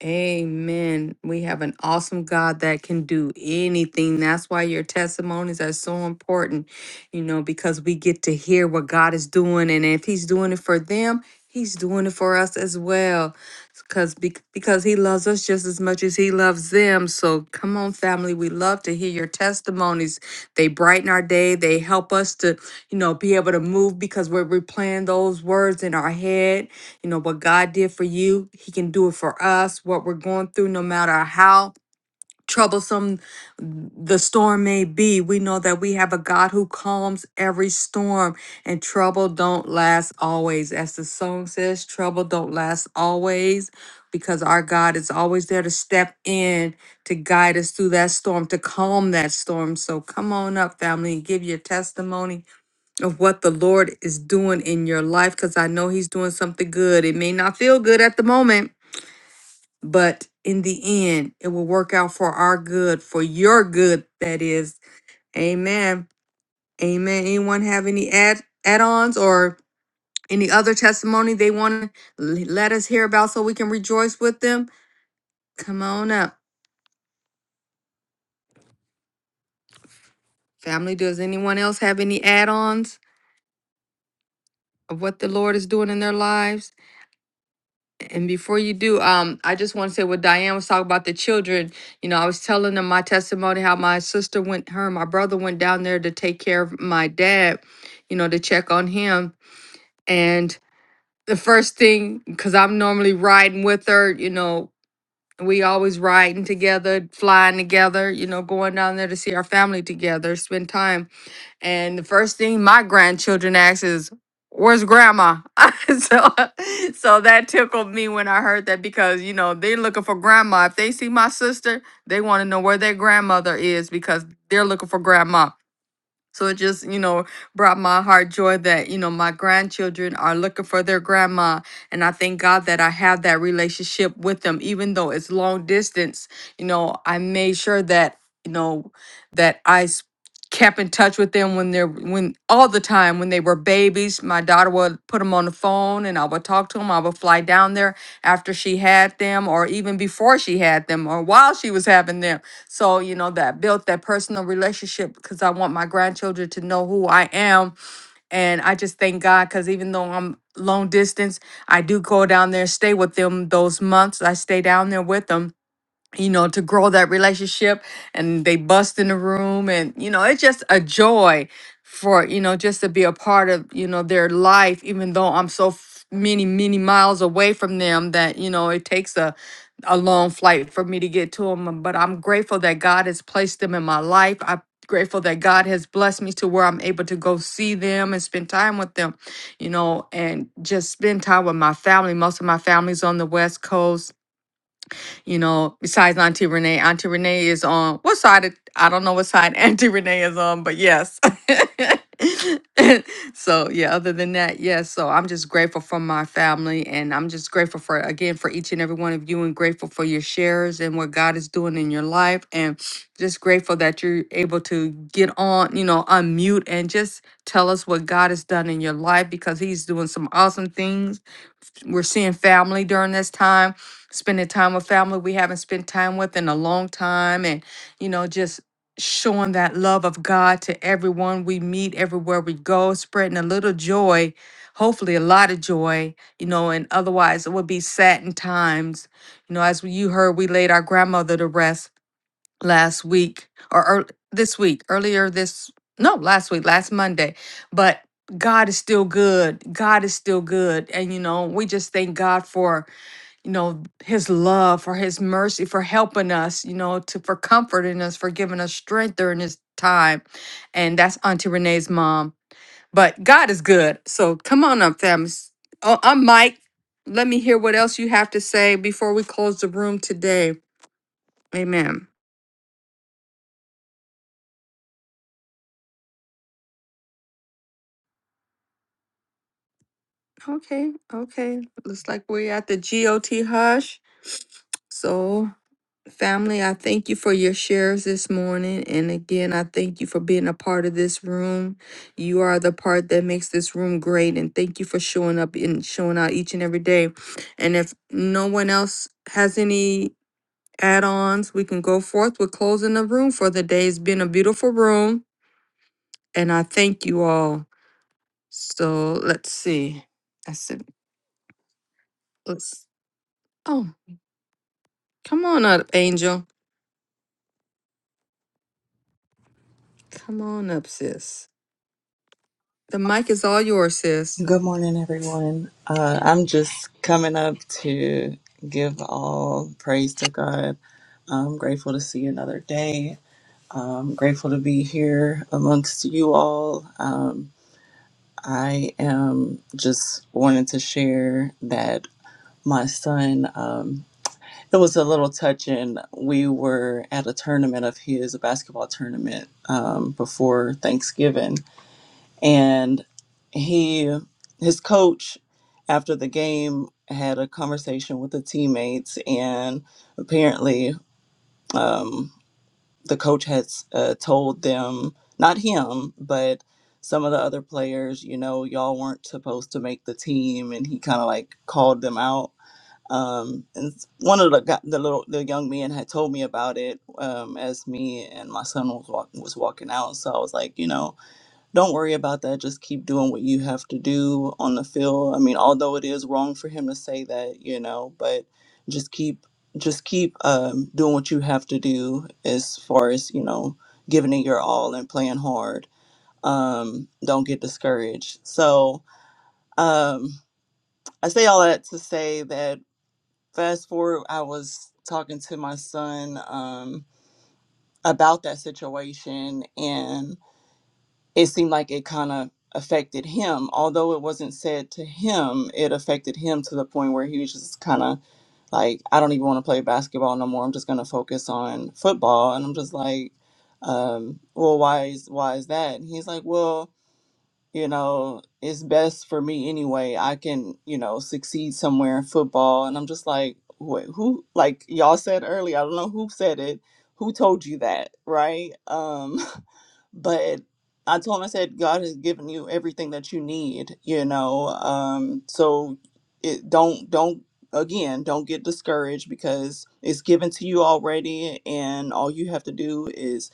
Speaker 1: Amen. We have an awesome God that can do anything. That's why your testimonies are so important, you know, because we get to hear what God is doing. And if He's doing it for them, He's doing it for us as well. Because, because He loves us just as much as He loves them. So come on, family. We love to hear your testimonies. They brighten our day. They help us to, you know, be able to move because we're replaying those words in our head you know, what God did for you, He can do it for us. What we're going through, no matter how troublesome the storm may be, we know that we have a God who calms every storm and trouble don't last always. As the song says, trouble don't last always because our God is always there to step in to guide us through that storm, to calm that storm. So come on up, family, and give your testimony of what the Lord is doing in your life because I know He's doing something good. It may not feel good at the moment, but in the end, it will work out for our good, for your good, that is. Amen. Amen. Anyone have any add add ons or any other testimony they want to let us hear about so we can rejoice with them? Come on up. Family, does anyone else have any add ons of what the Lord is doing in their lives? And before you do, um, I just want to say what Diane was talking about the children. You know, I was telling them my testimony how my sister went, her and my brother went down there to take care of my dad, you know, to check on him. And the first thing, because I'm normally riding with her, you know, we always riding together, flying together, you know, going down there to see our family together, spend time. And the first thing my grandchildren ask is, "Where's grandma?" so, so that tickled me when I heard that because you know they're looking for grandma. If they see my sister, they want to know where their grandmother is because they're looking for grandma. So it just, you know, brought my heart joy that, you know, my grandchildren are looking for their grandma. And I thank God that I have that relationship with them, even though it's long distance. You know, I made sure that, you know, that I kept in touch with them when they're when all the time when they were babies my daughter would put them on the phone and i would talk to them i would fly down there after she had them or even before she had them or while she was having them so you know that built that personal relationship because i want my grandchildren to know who i am and i just thank god because even though i'm long distance i do go down there stay with them those months i stay down there with them you know, to grow that relationship and they bust in the room and you know, it's just a joy for, you know, just to be a part of, you know, their life even though I'm so f- many many miles away from them that, you know, it takes a a long flight for me to get to them, but I'm grateful that God has placed them in my life. I'm grateful that God has blessed me to where I'm able to go see them and spend time with them, you know, and just spend time with my family. Most of my family's on the West Coast you know, besides Auntie Renee. Auntie Renee is on what side? It, I don't know what side Auntie Renee is on, but yes. so yeah, other than that, yes. So I'm just grateful for my family and I'm just grateful for again for each and every one of you and grateful for your shares and what God is doing in your life and just grateful that you're able to get on, you know, unmute and just tell us what God has done in your life because he's doing some awesome things we're seeing family during this time spending time with family we haven't spent time with in a long time and you know just showing that love of god to everyone we meet everywhere we go spreading a little joy hopefully a lot of joy you know and otherwise it would be saddened times you know as you heard we laid our grandmother to rest last week or ear this week, earlier this, no, last week, last Monday. But God is still good. God is still good. And, you know, we just thank God for, you know, his love, for his mercy, for helping us, you know, to for comforting us, for giving us strength during this time. And that's Auntie Renee's mom. But God is good. So come on up, fam. Oh, I'm Mike. Let me hear what else you have to say before we close the room today. Amen. Okay, okay. Looks like we're at the GOT hush. So, family, I thank you for your shares this morning. And again, I thank you for being a part of this room. You are the part that makes this room great. And thank you for showing up and showing out each and every day. And if no one else has any add ons, we can go forth. We're closing the room for the day. It's been a beautiful room. And I thank you all. So, let's see. I said, let's. Oh. Come on up, Angel. Come on up, sis. The mic is all yours, sis.
Speaker 9: Good morning, everyone. Uh, I'm just coming up to give all praise to God. I'm grateful to see another day. I'm grateful to be here amongst you all. Um, I am just wanting to share that my son, um, it was a little touching. We were at a tournament of his, a basketball tournament, um, before Thanksgiving and he his coach after the game had a conversation with the teammates and apparently um, the coach has uh, told them not him but some of the other players you know y'all weren't supposed to make the team and he kind of like called them out um, and s- one of the gu- the little the young men had told me about it um, as me and my son was walk, was walking out so i was like you know don't worry about that. Just keep doing what you have to do on the field. I mean, although it is wrong for him to say that, you know, but just keep just keep um, doing what you have to do as far as you know, giving it your all and playing hard. Um, don't get discouraged. So um, I say all that to say that fast forward, I was talking to my son um, about that situation and. it seemed like it kind of affected him. Although it wasn't said to him, it affected him to the point where he was just kind of like, I don't even want to play basketball no more. I'm just going to focus on football. And I'm just like, um, well, why is why is that? And he's like, well, you know, it's best for me anyway. I can, you know, succeed somewhere in football. And I'm just like, wait, who? Like y'all said earlier, I don't know who said it. Who told you that, right? Um, but I told him I said God has given you everything that you need, you know. Um, so it don't don't again don't get discouraged because it's given to you already, and all you have to do is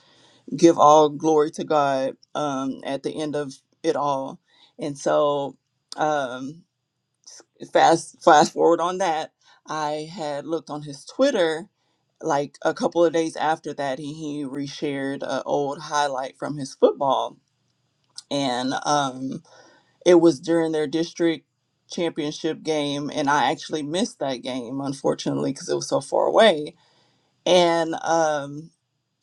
Speaker 9: give all glory to God um, at the end of it all. And so um, fast fast forward on that, I had looked on his Twitter like a couple of days after that he, he reshared an old highlight from his football and um, it was during their district championship game, and I actually missed that game unfortunately because it was so far away. And um,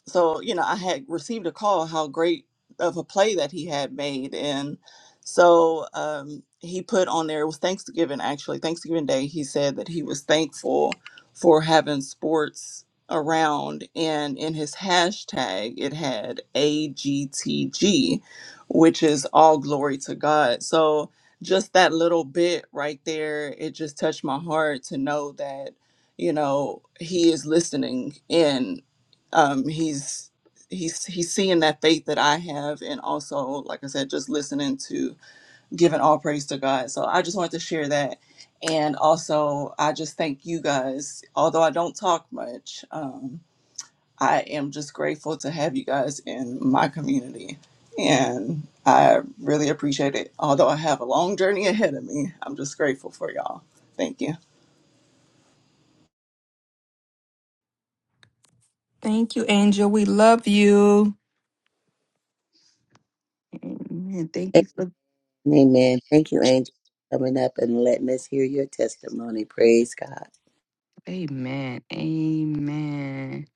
Speaker 9: so you know i had received a call how great of a play that he had made and so um, he put on there it was thanksgiving actually thanksgiving day he said that he was thankful for having sports around and in his hashtag it had agtg which is all glory to god so just that little bit right there it just touched my heart to know that you know he is listening in um, he's he's he's seeing that faith that I have, and also, like I said, just listening to giving all praise to God. So I just wanted to share that, and also I just thank you guys. Although I don't talk much, um, I am just grateful to have you guys in my community, and I really appreciate it. Although I have a long journey ahead of me, I'm just grateful for y'all. Thank you.
Speaker 1: Thank you, Angel. We love you. Amen. Thank you for.
Speaker 2: Amen. Thank you, Angel, for coming up and letting us hear your testimony. Praise God.
Speaker 1: Amen. Amen.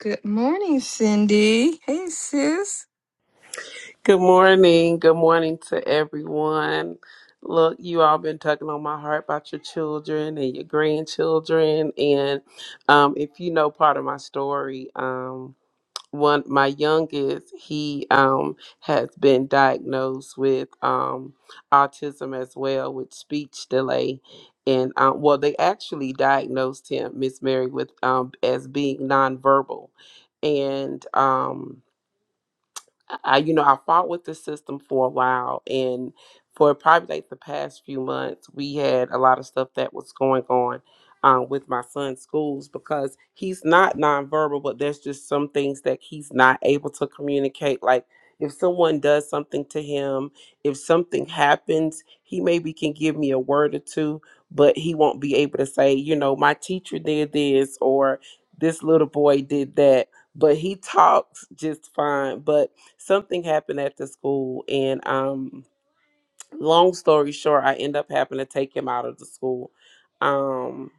Speaker 1: Good morning, Cindy. Hey, sis.
Speaker 10: Good morning. Good morning to everyone. Look, you all been tugging on my heart about your children and your grandchildren. And um, if you know part of my story, um, one my youngest, he um, has been diagnosed with um, autism as well, with speech delay. And um, well, they actually diagnosed him, Miss Mary, with um, as being nonverbal, and. Um, I, you know, I fought with the system for a while, and for probably like the past few months, we had a lot of stuff that was going on um, with my son's schools because he's not nonverbal, but there's just some things that he's not able to communicate. Like if someone does something to him, if something happens, he maybe can give me a word or two, but he won't be able to say, you know, my teacher did this or this little boy did that. But he talks just fine, but something happened at the school and um long story short i end up having to take him out of the school um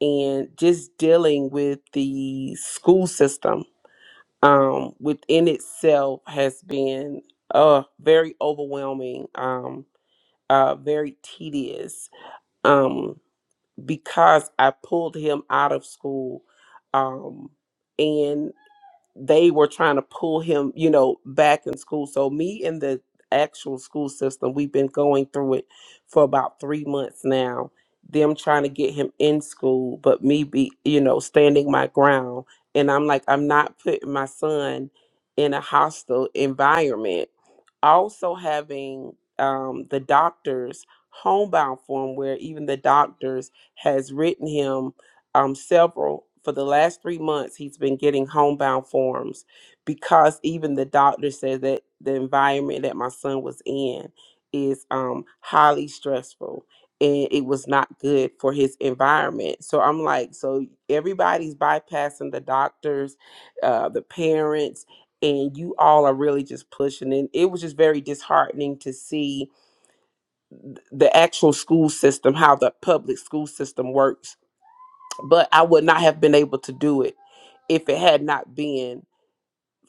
Speaker 10: and just dealing with the school system um within itself has been uh very overwhelming um uh very tedious um because i pulled him out of school um and they were trying to pull him, you know, back in school. So me and the actual school system, we've been going through it for about three months now. Them trying to get him in school, but me be, you know, standing my ground. And I'm like, I'm not putting my son in a hostile environment. Also having um, the doctors homebound form where even the doctors has written him um, several for the last three months he's been getting homebound forms because even the doctor said that the environment that my son was in is um, highly stressful and it was not good for his environment so i'm like so everybody's bypassing the doctors uh, the parents and you all are really just pushing and it was just very disheartening to see th- the actual school system how the public school system works but I would not have been able to do it if it had not been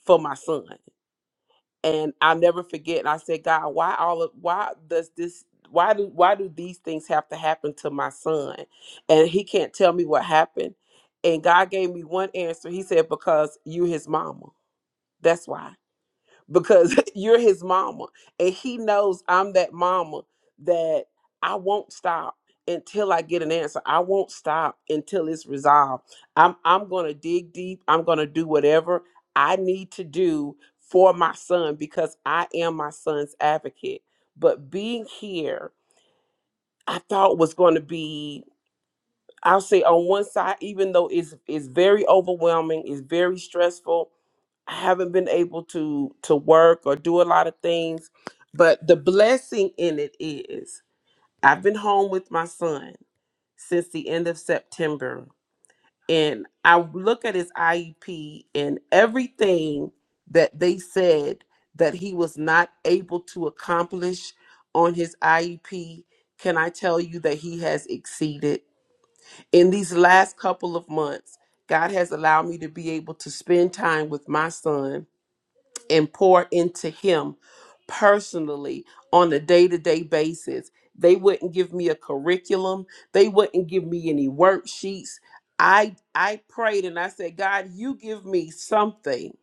Speaker 10: for my son. And I'll never forget. And I said, God, why all of why does this why do why do these things have to happen to my son? And he can't tell me what happened. And God gave me one answer. He said, Because you his mama. That's why because you're his mama and he knows I'm that mama that I won't stop until I get an answer. I won't stop until it's resolved. I'm I'm going to dig deep. I'm going to do whatever I need to do for my son because I am my son's advocate. But being here, I thought was going to be I'll say on one side even though it's it's very overwhelming, it's very stressful, I haven't been able to to work or do a lot of things, but the blessing in it is I've been home with my son since the end of September and I look at his IEP and everything that they said that he was not able to accomplish on his IEP, can I tell you that he has exceeded in these last couple of months? God has allowed me to be able to spend time with my son and pour into him personally on a day to day basis. They wouldn't give me a curriculum, they wouldn't give me any worksheets. I I prayed and I said, God, you give me something.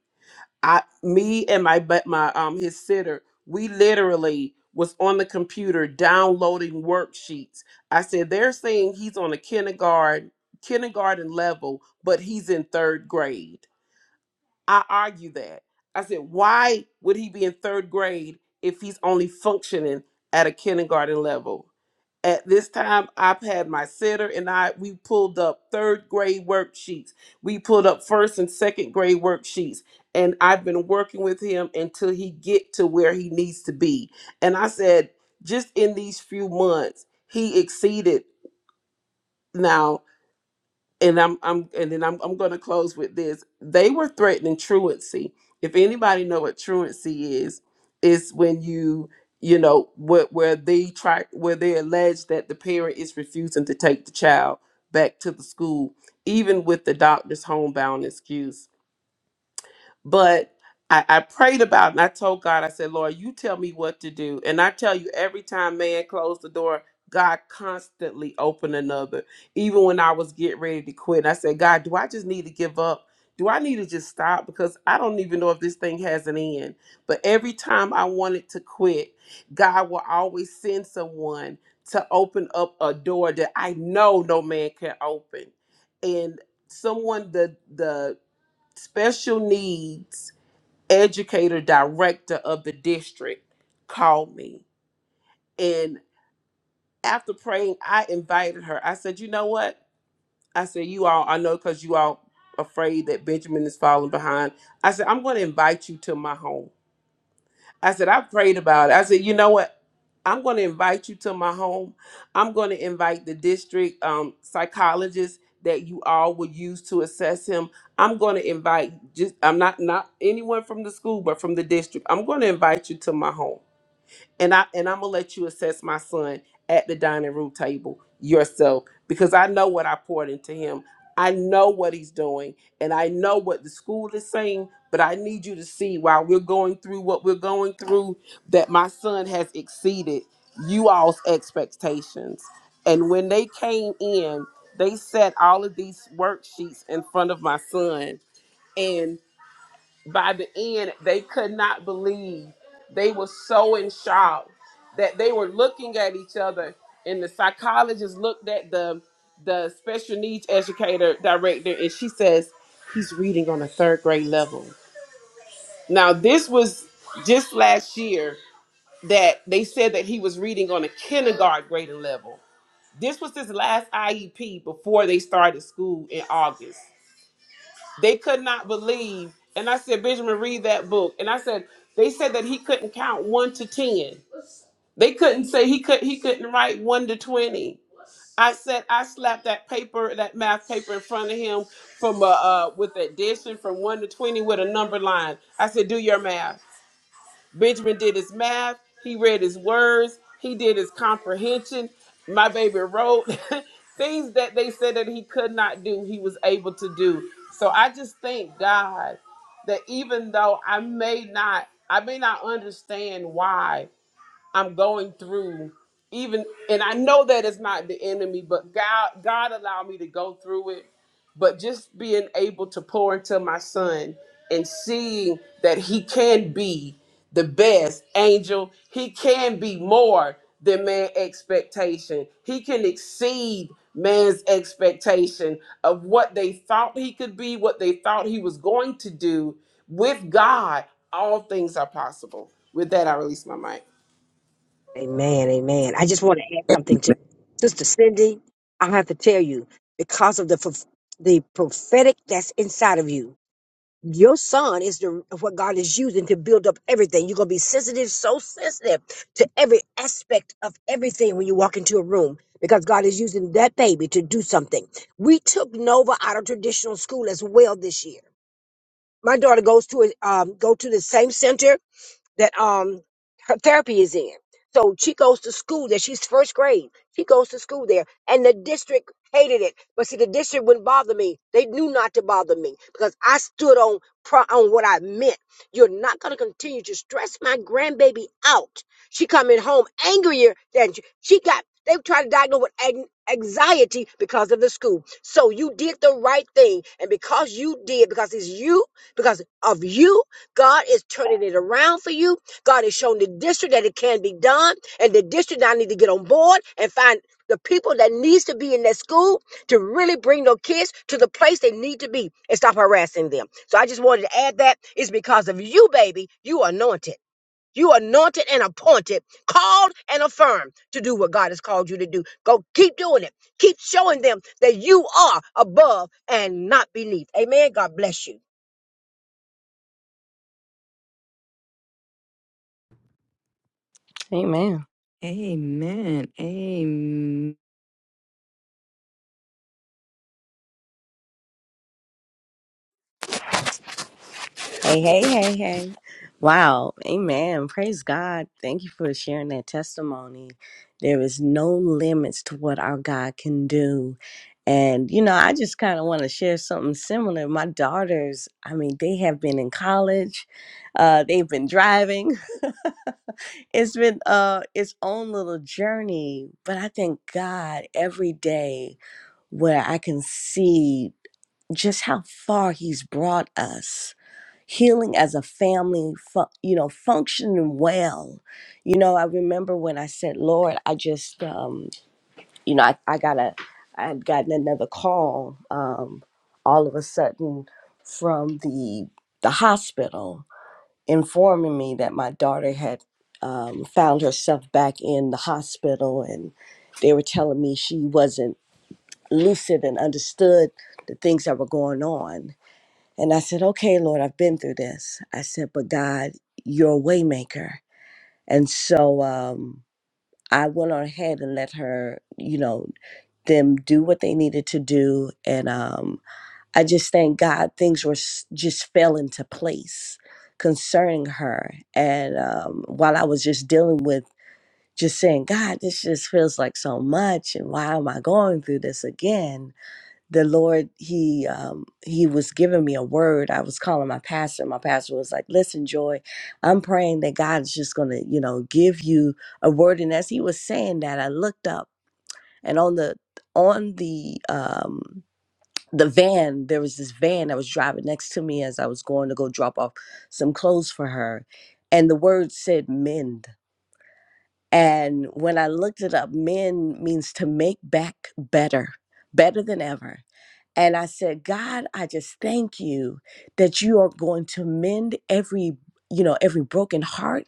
Speaker 10: I me and my but my um his sitter, we literally was on the computer downloading worksheets. I said, they're saying he's on a kindergarten kindergarten level, but he's in third grade. I argue that. I said, why would he be in third grade if he's only functioning at a kindergarten level? At this time, I've had my sitter and I, we pulled up third grade worksheets. We pulled up first and second grade worksheets. And I've been working with him until he get to where he needs to be. And I said, just in these few months, he exceeded now and I'm I'm and then I'm I'm going to close with this. They were threatening truancy. If anybody know what truancy is, it's when you you know what where where they try where they allege that the parent is refusing to take the child back to the school, even with the doctor's homebound excuse but I, I prayed about it and I told God, I said, Lord, you tell me what to do. And I tell you, every time man closed the door, God constantly opened another. Even when I was getting ready to quit, I said, God, do I just need to give up? Do I need to just stop? Because I don't even know if this thing has an end. But every time I wanted to quit, God will always send someone to open up a door that I know no man can open. And someone the the special needs educator director of the district called me and after praying i invited her i said you know what i said you all i know because you all afraid that benjamin is falling behind i said i'm going to invite you to my home i said i prayed about it i said you know what I'm going to invite you to my home. I'm going to invite the district um, psychologist that you all would use to assess him. I'm going to invite just I'm not not anyone from the school, but from the district. I'm going to invite you to my home and I and I'm gonna let you assess my son at the dining room table yourself because I know what I poured into him. I know what he's doing, and I know what the school is saying. But I need you to see while we're going through what we're going through that my son has exceeded you all's expectations. And when they came in, they set all of these worksheets in front of my son, and by the end, they could not believe. They were so in shock that they were looking at each other, and the psychologist looked at the the special needs educator director, and she says, "He's reading on a third grade level." Now, this was just last year that they said that he was reading on a kindergarten grade level. This was his last IEP before they started school in August. They could not believe. And I said, Benjamin, read that book. And I said, they said that he couldn't count one to ten. They couldn't say he could he couldn't write one to twenty. I said I slapped that paper, that math paper in front of him from uh, uh with addition from one to twenty with a number line. I said, do your math. Benjamin did his math. He read his words. He did his comprehension. My baby wrote things that they said that he could not do, he was able to do. So I just thank God that even though I may not, I may not understand why. I'm going through even and I know that it's not the enemy, but God God allowed me to go through it. But just being able to pour into my son and seeing that he can be the best angel, he can be more than man's expectation. He can exceed man's expectation of what they thought he could be, what they thought he was going to do. With God, all things are possible. With that, I release my mic.
Speaker 8: Amen, amen. I just want to add something to
Speaker 2: Amen,
Speaker 8: Sister Cindy. I have to tell you, because of the prof- the prophetic that's inside of you, your son is the what God is using to build up everything. You're gonna be sensitive, so sensitive to every aspect of everything when you walk into a room because God is using that baby to do something. We took Nova out of traditional school as well this year My daughter goes to a, um, go to the same center that um her therapy is in. So she goes to school there. She's first grade. She goes to school there. And the district hated it. But see, the district wouldn't bother me. They knew not to bother me because I stood on pro- on what I meant. You're not going to continue to stress my grandbaby out. She coming home angrier than she, she got. They tried to diagnose with an- anxiety because of the school. So you did the right thing. And because you did, because it's you, because of you. God is turning it around for you. God has shown the district that it can be done, and the district now need to get on board and find the people that needs to be in that school to really bring those kids to the place they need to be and stop harassing them. So I just wanted to add that it's because of you, baby. You are anointed. You are anointed and appointed, called and affirmed to do what God has called you to do. Go keep doing it. Keep showing them that you are above and not beneath. Amen. God bless you.
Speaker 11: Amen.
Speaker 1: Amen. Amen.
Speaker 11: Hey, hey, hey, hey. Wow. Amen. Praise God. Thank you for sharing that testimony. There is no limits to what our God can do. And, you know, I just kind of want to share something similar. My daughters, I mean, they have been in college, uh, they've been driving. It's been uh, its own little journey. But I thank God every day where I can see just how far He's brought us healing as a family fu- you know functioning well you know i remember when i said lord i just um you know i, I got a i had gotten another call um all of a sudden from the the hospital informing me that my daughter had um, found herself back in the hospital and they were telling me she wasn't lucid and understood the things that were going on and I said, okay, Lord, I've been through this. I said, but God, you're a waymaker. And so um, I went on ahead and let her, you know, them do what they needed to do. And um, I just thank God things were s- just fell into place concerning her. And um, while I was just dealing with just saying, God, this just feels like so much. And why am I going through this again? the Lord, He um, He was giving me a word. I was calling my pastor. My pastor was like, "Listen, Joy, I'm praying that God is just going to, you know, give you a word." And as he was saying that, I looked up, and on the on the um, the van, there was this van that was driving next to me as I was going to go drop off some clothes for her, and the word said "mend." And when I looked it up, "mend" means to make back better, better than ever. And I said, God, I just thank you that you are going to mend every, you know, every broken heart,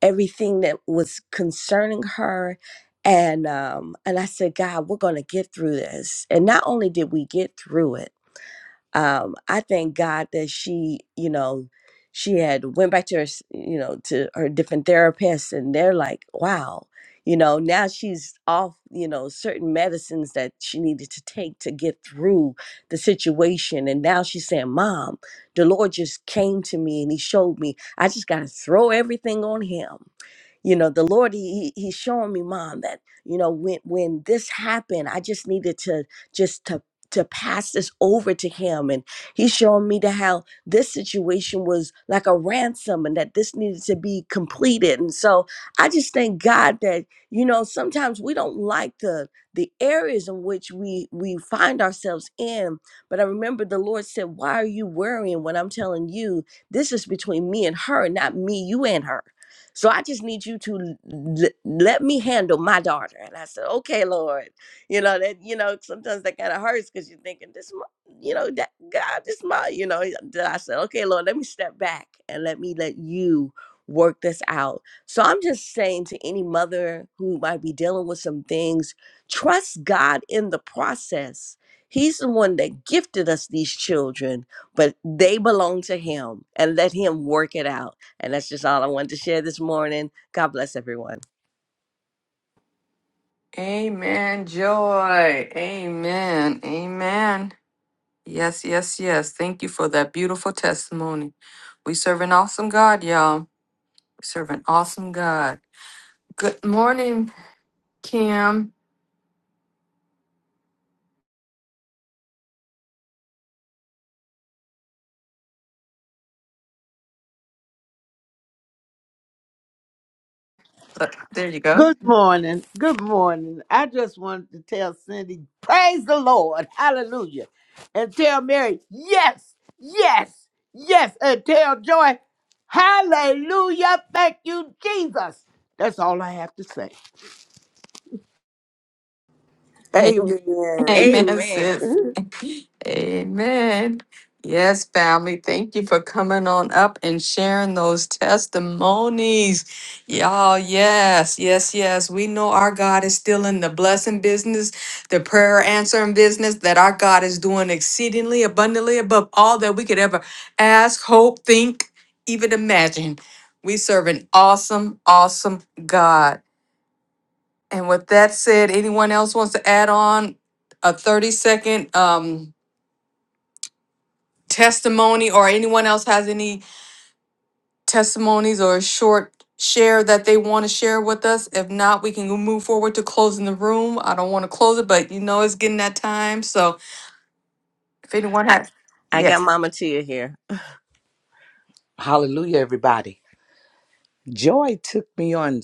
Speaker 11: everything that was concerning her. And um, and I said, God, we're gonna get through this. And not only did we get through it, um, I thank God that she, you know, she had went back to her, s- you know, to her different therapists, and they're like, wow, you know, now she's off, you know, certain medicines that she needed to take to get through the situation, and now she's saying, Mom, the Lord just came to me and He showed me I just got to throw everything on Him you know the lord he he- he's showing me mom that you know when when this happened i just needed to just to to pass this over to him and he's showing me to how this situation was like a ransom and that this needed to be completed and so i just thank god that you know sometimes we don't like the the areas in which we we find ourselves in but i remember the lord said why are you worrying when i'm telling you this is between me and her not me you and her so I just need you to l- let me handle my daughter. And I said, okay, Lord. You know, that, you know, sometimes that kind of hurts because you're thinking, this, mo- you know, that God, this, my, you know, then I said, okay, Lord, let me step back and let me let you work this out. So I'm just saying to any mother who might be dealing with some things, trust God in the process. He's the one that gifted us these children, but they belong to Him and let Him work it out. And that's just all I wanted to share this morning. God bless everyone.
Speaker 1: Amen. Joy. Amen. Amen. Yes, yes, yes. Thank you for that beautiful testimony. We serve an awesome God, y'all. We serve an awesome God. Good morning, Kim. So- There you go.
Speaker 12: Good morning. Good morning. I just wanted to tell Cindy, praise the Lord. Hallelujah. And tell Mary, yes, yes, yes. And tell Joy, hallelujah. Thank you, Jesus. That's all I have to say.
Speaker 10: Amen.
Speaker 1: Amen,
Speaker 11: Amen.
Speaker 1: sis. Amen. Yes, family. Thank you for coming on up and sharing those testimonies. Y'all, yes, yes, yes. We know our God is still in the blessing business, the prayer answering business, that our God is doing exceedingly abundantly above all that we could ever ask, hope, think, even imagine. We serve an awesome, awesome God. And with that said, anyone else wants to add on a 30 second um, testimony, or anyone else has any testimonies or a short share that they want to share with us? If not, we can move forward to closing the room. I don't want to close it, but you know it's getting that time. So if anyone
Speaker 11: I,
Speaker 1: has,
Speaker 11: I got
Speaker 1: yes.
Speaker 11: Mama Tia here. Hallelujah, everybody. Joy took me on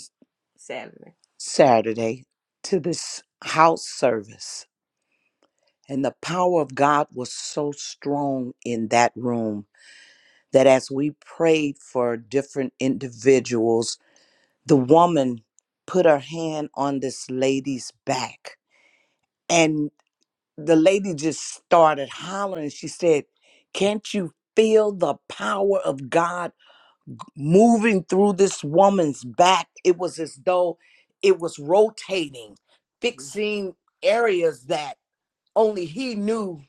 Speaker 11: Saturday. Saturday to this house service, and the power of God was so strong in that room that as we prayed for different individuals, the woman put her hand on this lady's back. the lady just started hollering. She said, Can't you feel the power of God moving through this woman's back? It was as though it was rotating, fixing areas that only he knew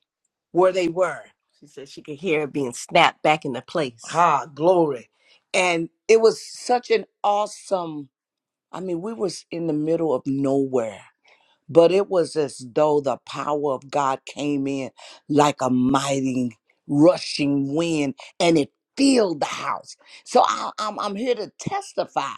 Speaker 11: where they were. She said she could hear it being snapped back into place. Ha, glory. And it was such an awesome, I mean, we was in the middle of nowhere but it was as though the power of God came in like a mighty rushing wind and it filled the house. So I, am I'm I'm here to testify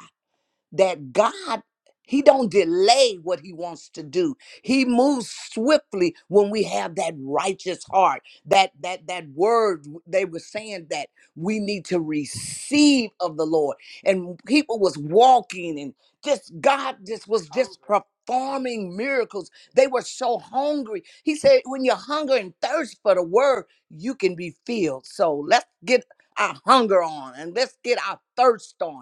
Speaker 11: that God he don't delay what he wants to do. He moves swiftly when we have that righteous heart. That that that word they were saying that we need to receive of the Lord. And people was walking and just God just was just performing miracles. They were so hungry. He said when you're hungry and thirst for the word, you can be filled. So let's get our hunger on and let's get our thirst on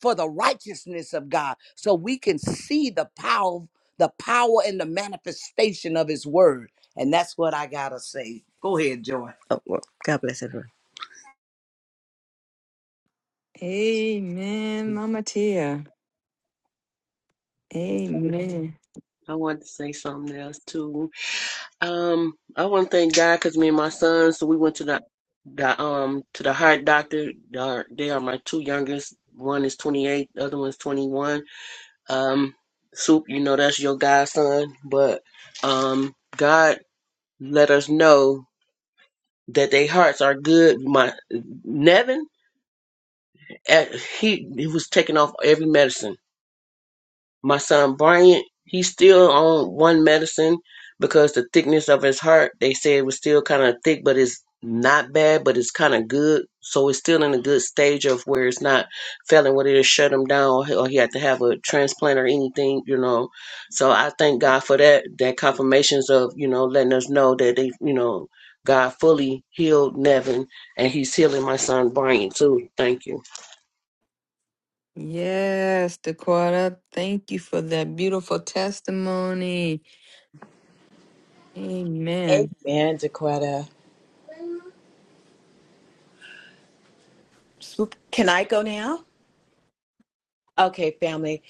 Speaker 11: for the righteousness of God so we can see the power the power and the manifestation of his word and that's what I got to say go ahead joy Oh, well, God bless everyone.
Speaker 1: Amen, Mama Tia. Amen.
Speaker 7: I wanted to say something else too. Um, I want to thank God because me and my son, so we went to the the um to the heart doctor. They are, they are my two youngest. One is 28, the other one's 21. Um, Soup, you know that's your godson, but um, God let us know that their hearts are good. My Nevin, eh, he he was taking off every medicine My son Bryant, he's still on one medicine because the thickness of his heart, they say it was still kind of thick, but it's not bad, but it's kind of good. So it's still in a good stage of where it's not failing where it'll shut him down or he or he had to have a transplant or anything, you know. So I thank God for that, that confirmations of, you know, letting us know that they, you know, God fully healed Nevin and he's healing my son Brian too. Thank you.
Speaker 1: Yes, Dakota. Thank you for that beautiful testimony. Amen.
Speaker 6: Amen, Dequetta. Swoop- Can I go now? Okay, family.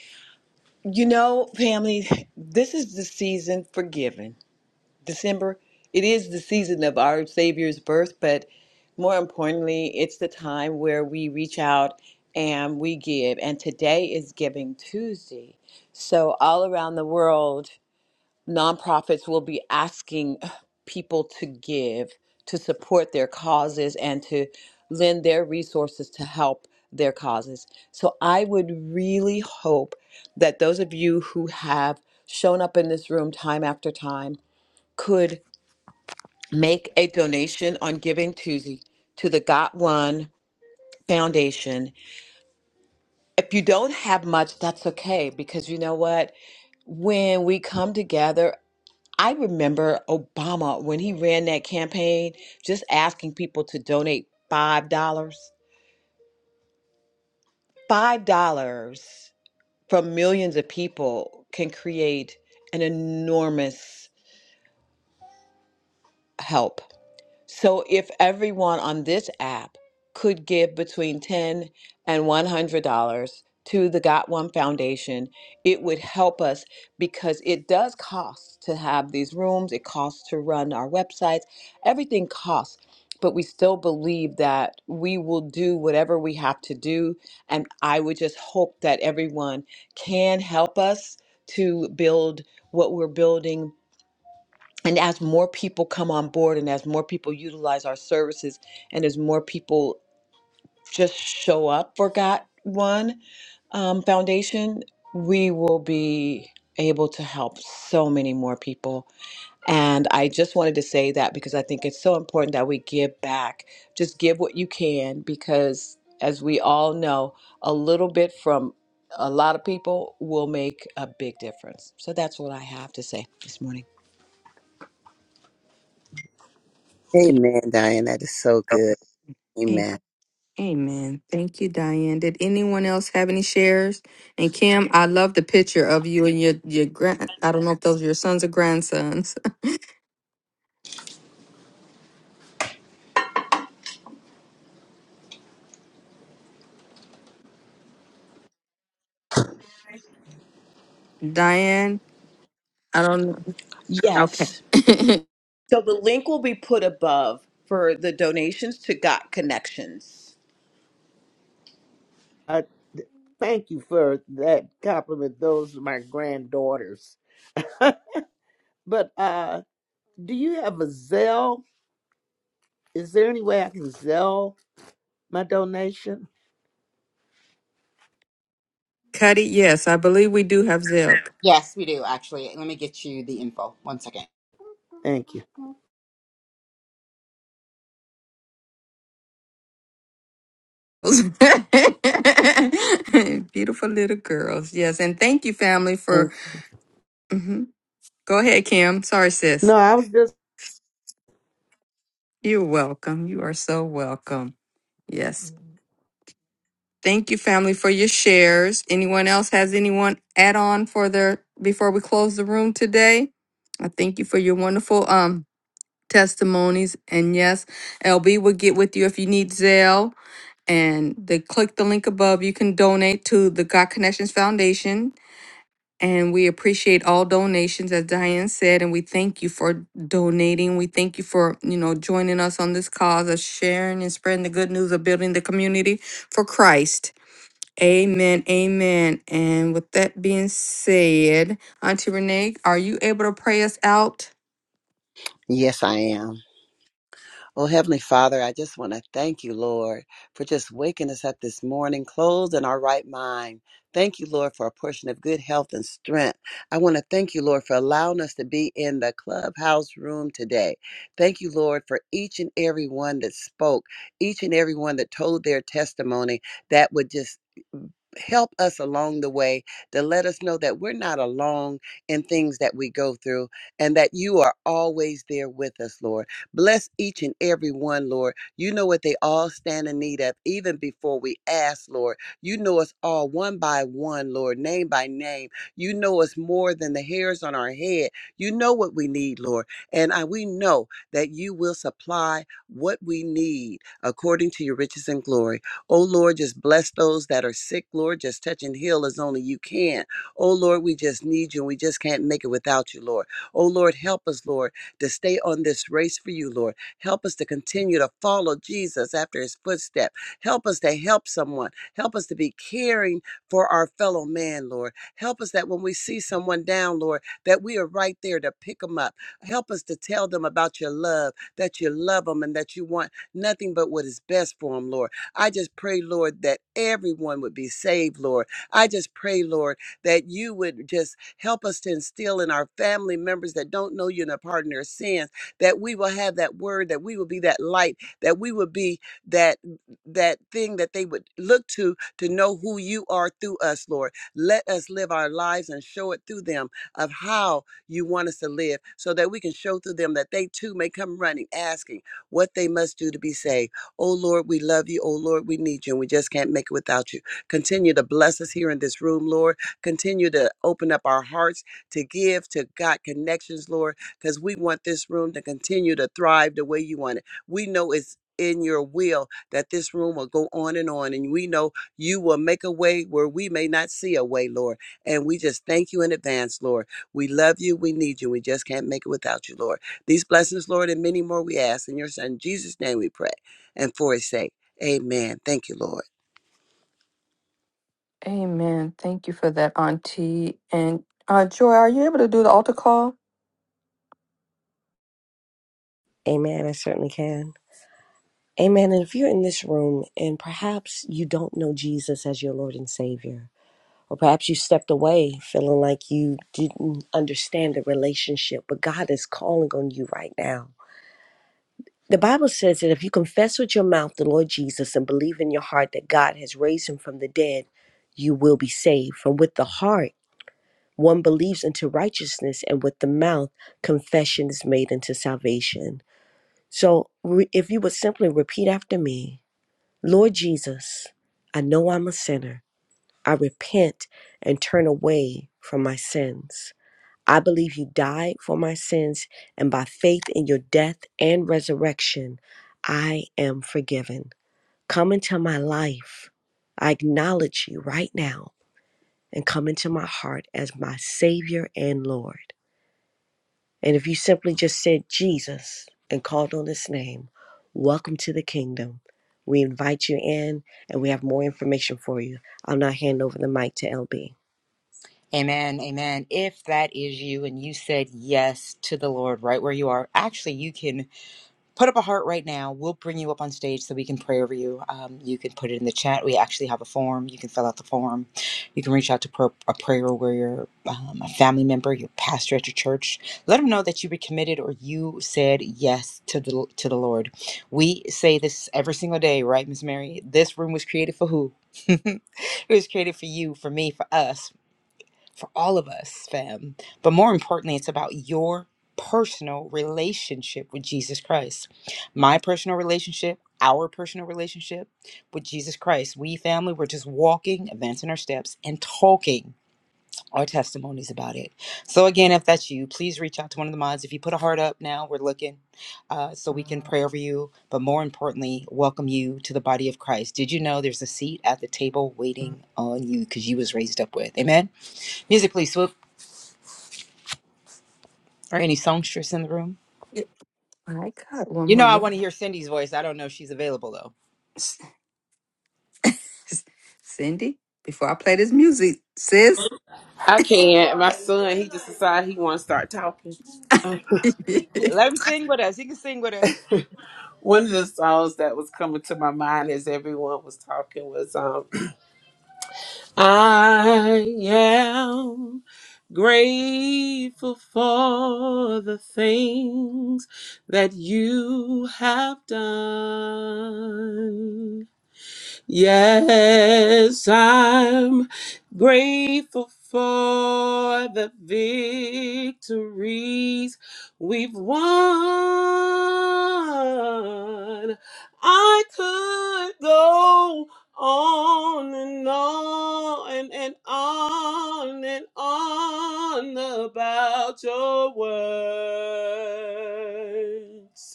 Speaker 6: You know, family, this is the season for giving. December, it is the season of our Savior's birth, but more importantly, it's the time where we reach out and we give. And today is Giving Tuesday. So, all around the world, nonprofits will be asking people to give, to support their causes, and to lend their resources to help their causes. So, I would really hope that those of you who have shown up in this room time after time could make a donation on Giving Tuesday to the Got One Foundation. If you don't have much, that's okay because you know what? When we come together, I remember Obama when he ran that campaign just asking people to donate $5. dollars. $5 from millions of people can create an enormous help. So if everyone on this app could give between 10 and $100 to the Got One Foundation, it would help us because it does cost to have these rooms, it costs to run our websites, everything costs. But we still believe that we will do whatever we have to do. And I would just hope that everyone can help us to build what we're building and as more people come on board and as more people utilize our services and as more people just show up for got one um, foundation we will be able to help so many more people and i just wanted to say that because i think it's so important that we give back just give what you can because as we all know a little bit from a lot of people will make a big difference so that's what i have to say this morning
Speaker 2: Amen, Diane. That is so good. Amen.
Speaker 1: Amen. Thank you, Diane. Did anyone else have any shares? And Kim, I love the picture of you and your your grand. I don't know if those are your sons or grandsons. Diane, I don't know. Okay.
Speaker 6: yes So the link will be put above for the donations to Got Connections.
Speaker 12: Uh, thank you for that compliment. Those are my granddaughters. But uh, do you have a Zelle? Is there any way I can Zelle my donation?
Speaker 1: Cuddy, yes, I believe we do have Zeb.
Speaker 3: Yes, we do actually. Let me get you the info. One second.
Speaker 12: Thank you.
Speaker 1: Beautiful little girls. Yes, and thank you, family, for. Mhm. Go ahead, Kim. Sorry,
Speaker 12: No,
Speaker 1: sis.
Speaker 12: I was just
Speaker 1: You're welcome. You are so welcome. Yes. Thank you, family, for your shares. Anyone else has anyone add on for their before we close the room today? I thank you for your wonderful um testimonies. And yes, LB will get with you if you need Zelle. And they click the link above. You can donate to the God Connections Foundation. And we appreciate all donations, as Diane said, and we thank you for donating. We thank you for, you know, joining us on this cause of sharing and spreading the good news of building the community for Christ. Amen, amen. And with that being said, Auntie Renee, are you able to pray us out?
Speaker 2: Yes, I am. Oh, Heavenly Father, I just want to thank you, Lord, for just waking us up this morning, clothed in our right mind. Thank you, Lord, for a portion of good health and strength. I want to thank you, Lord, for allowing us to be in the clubhouse room today. Thank you, Lord, for each and every one that spoke, each and every one that told their testimony that would just help us along the way to let us know that we're not alone in things that we go through and that you are always there with us, Lord. Bless each and every one, Lord. You know what they all stand in need of, even before we ask, Lord. You know us all one by one, Lord, name by name. You know us more than the hairs on our head. You know what we need, Lord. And I, we know that you will supply what we need according to your riches and glory. Oh Lord, just bless those that are sick, Lord. Just touch and heal as only you can. Oh Lord, we just need you and we just can't make it without you, Lord. Oh Lord, help us, Lord, to stay on this race for you, Lord. Help us to continue to follow Jesus after his footstep. Help us to help someone. Help us to be caring for our fellow man, Lord. Help us that when we see someone down, Lord, that we are right there to pick them up. Help us to tell them about your love, that you love them and that you want nothing but what is best for them, Lord. I just pray, Lord, that everyone would be saved, Lord. I just pray, Lord, that you would just help us to instill in our family members that don't know you and are pardon their sins, that we will have that word, that we will be that light, that we will be that that thing that they would look to to know who you are through us, Lord. Let us live our lives and show it through them of how you want us to live so that we can show through them that they too may come running asking what they must do to be saved. Oh Lord, we love you. Oh Lord, we need you and we just can't make it without you. Continue to bless us here in this room, Lord. Continue to open up our hearts to give to God connections, Lord, because we want this room to continue to thrive the way you want it. We know it's in your will that this room will go on and on. And we know you will make a way where we may not see a way, Lord. And we just thank you in advance, Lord. We love you. We need you. We just can't make it without you, Lord. These blessings, Lord, and many more we ask. In your son, Jesus' name we pray and for his sake. Amen. Thank you, Lord.
Speaker 1: Amen. Thank you for that, Auntie. And uh, Joy, are you able to do the altar call?
Speaker 11: Amen. I certainly can. Amen. And if you're in this room and perhaps you don't know Jesus as your Lord and Savior, or perhaps you stepped away feeling like you didn't understand the relationship, but God is calling on you right now. The Bible says that if you confess with your mouth the Lord Jesus and believe in your heart that God has raised him from the dead, you will be saved. For with the heart, one believes into righteousness, and with the mouth, confession is made into salvation. So re- if you would simply repeat after me Lord Jesus, I know I'm a sinner. I repent and turn away from my sins. I believe you died for my sins, and by faith in your death and resurrection, I am forgiven. Come into my life. I acknowledge you right now and come into my heart as my Savior and Lord. And if you simply just said Jesus and called on his name, welcome to the kingdom. We invite you in and we have more information for you. I'll now hand over the mic to LB.
Speaker 3: Amen. Amen. If that is you and you said yes to the Lord right where you are, actually you can put up a heart right now. We'll bring you up on stage so we can pray over you. Um, you can put it in the chat. We actually have a form. You can fill out the form. You can reach out to pro- a prayer warrior, um, a family member, your pastor at your church. Let them know that you recommitted or you said yes to the to the Lord. We say this every single day, right, Miss Mary? This room was created for who? it was created for you, for me, for us for all of us, fam. But more importantly, it's about your personal relationship with Jesus Christ. My personal relationship, our personal relationship with Jesus Christ. We, family, we're just walking, advancing our steps, and talking our testimonies about it. So, again, if that's you, please reach out to one of the mods. If you put a heart up now, we're looking uh, so we can pray over you. But more importantly, welcome you to the body of Christ. Did you know there's a seat at the table waiting on you because you was raised up with? Amen. Music, please, Swoop. Or any songstress in the room?
Speaker 1: Yeah. My God, one
Speaker 3: You know, I want
Speaker 1: moment.
Speaker 3: to hear Cindy's voice. I don't know if she's available though.
Speaker 1: Cindy, before I play this music, sis.
Speaker 10: I can't. My son, he just decided he want to start talking. Uh,
Speaker 3: Yeah,
Speaker 1: Thank
Speaker 3: let him sing with us. He can sing with us.
Speaker 10: One of the songs that was coming to my mind as everyone was talking was um, I am grateful for the things that you have done. Yes, I'm grateful for the victories we've won. I could go on and on and on and on about your words.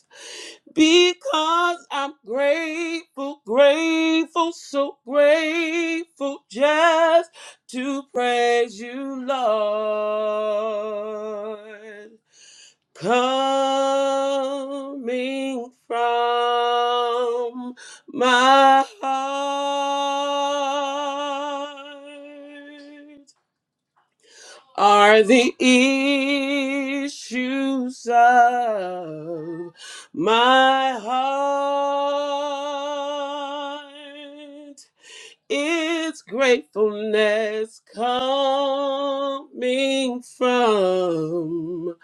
Speaker 10: Because I'm grateful, grateful, so grateful just to praise you, Lord. Coming from my heart are the issues of my heart. It's gratefulness coming from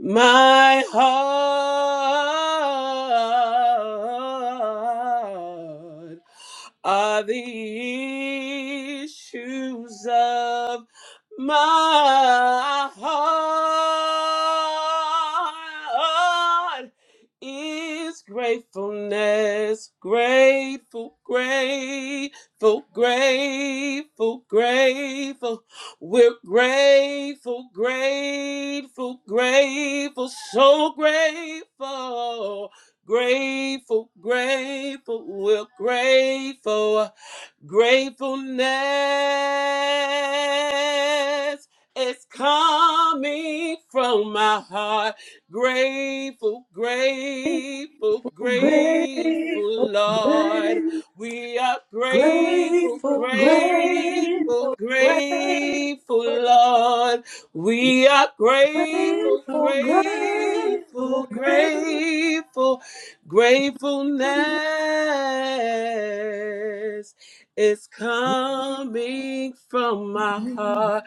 Speaker 10: my heart are the issues of my heart is gratefulness. Grateful, grateful, grateful, grateful. We're grateful, grateful, grateful, so grateful. Grateful, grateful, we're grateful. Gratefulness is coming from my heart. Grateful, grateful,
Speaker 11: Great,
Speaker 10: grateful, Lord.
Speaker 11: great
Speaker 10: We are grateful,
Speaker 11: Grateful,
Speaker 10: grateful,
Speaker 11: grateful, grateful,
Speaker 10: grateful, Lord. We are grateful,
Speaker 11: grateful,
Speaker 10: grateful,
Speaker 11: grateful.
Speaker 10: grateful, gratefulness it's coming from my heart.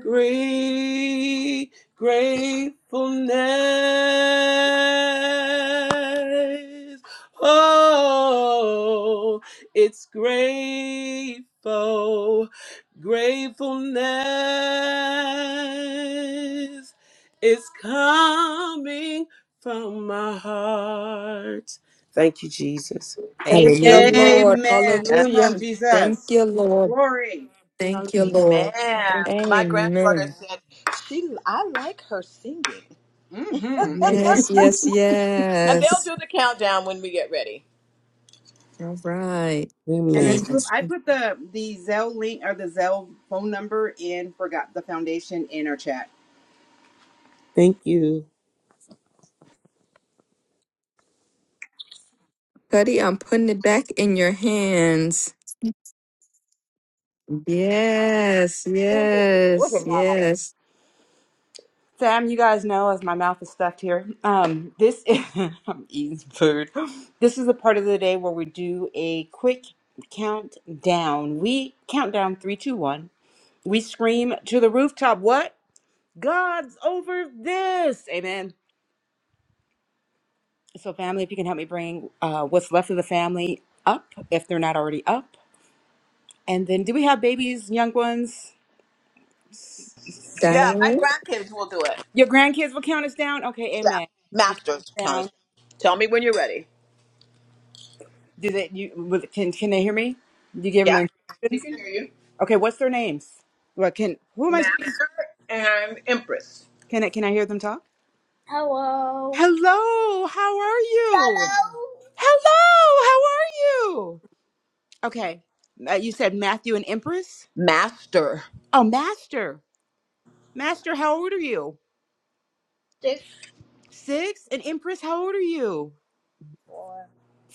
Speaker 10: Great gratefulness. Oh, it's grateful. Gratefulness is coming from my heart. Thank you, Jesus.
Speaker 1: you,
Speaker 12: Hallelujah.
Speaker 1: Lord.
Speaker 3: Amen. Come on,
Speaker 1: Hallelujah. Thank
Speaker 3: Jesus.
Speaker 1: you, Lord.
Speaker 3: Glory.
Speaker 1: Thank you,
Speaker 6: Amen.
Speaker 1: Lord.
Speaker 6: My granddaughter
Speaker 1: Amen.
Speaker 6: said she I like her singing.
Speaker 3: hmm Amen.
Speaker 1: yes, yes,
Speaker 6: And they'll
Speaker 1: yes.
Speaker 6: do the countdown when we get ready.
Speaker 1: All right.
Speaker 3: And then
Speaker 12: Amen.
Speaker 1: Thank Amen.
Speaker 3: the the Zell link or the Zell phone number in forgot the foundation in our chat.
Speaker 12: Thank you.
Speaker 1: Cuddy, I'm putting it back in your hands. Yes,
Speaker 3: Look at
Speaker 1: yes,
Speaker 3: God.
Speaker 1: yes.
Speaker 3: Sam, you guys know as my mouth is stuffed here. Um, this is, I'm eating some food. This is a part of the day where we do a quick countdown. We count down three, two, one. We scream to the rooftop, what? God's over this. Amen. So, family, if you can help me bring uh, what's left of the family up, if they're not already up. And then, do we have babies, young ones?
Speaker 6: Yeah, my
Speaker 1: Diane,
Speaker 6: grandkids will do it.
Speaker 3: Your grandkids will count us down? Okay,
Speaker 6: Yeah.
Speaker 3: amen. Have them count
Speaker 6: Masters
Speaker 3: us
Speaker 6: count us.
Speaker 3: down.
Speaker 6: Tell me when you're ready.
Speaker 3: Do they, you, will- can, can they hear me? You give them
Speaker 6: Yeah. He
Speaker 3: instructions?
Speaker 6: can hear you.
Speaker 3: Okay, what's their names? What can, who am I speaking to?
Speaker 6: Master and Empress.
Speaker 3: Can I, can I hear them talk?
Speaker 6: Hello.
Speaker 3: Hello, how are you?
Speaker 6: Hello.
Speaker 3: Hello, how are you? Okay. Uh, you said Matthew and Empress?
Speaker 6: Master.
Speaker 3: Oh, Master. Master, how old are you? Six? And Empress, how old are you?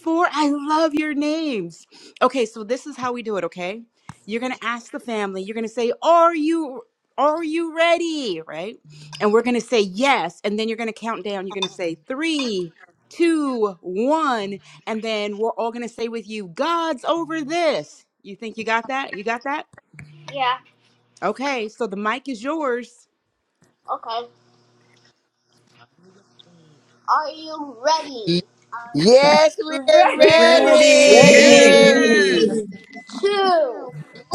Speaker 3: Four? I love your names. Okay, so this is how we do it, okay? You're gonna ask the family, you're gonna say, Are you are you ready? Right? And we're gonna say yes, and then you're gonna count down. You're gonna say three, two, one, and then we're all gonna say with you, God's over this. You think you got that? You got that?
Speaker 6: Yeah.
Speaker 3: Okay, so the mic is yours.
Speaker 6: Okay. Are you ready?
Speaker 2: Yes, we're
Speaker 3: Ready?
Speaker 13: Yes,
Speaker 11: Ready?
Speaker 1: ready.
Speaker 2: ready.
Speaker 10: Ready.
Speaker 6: two, one.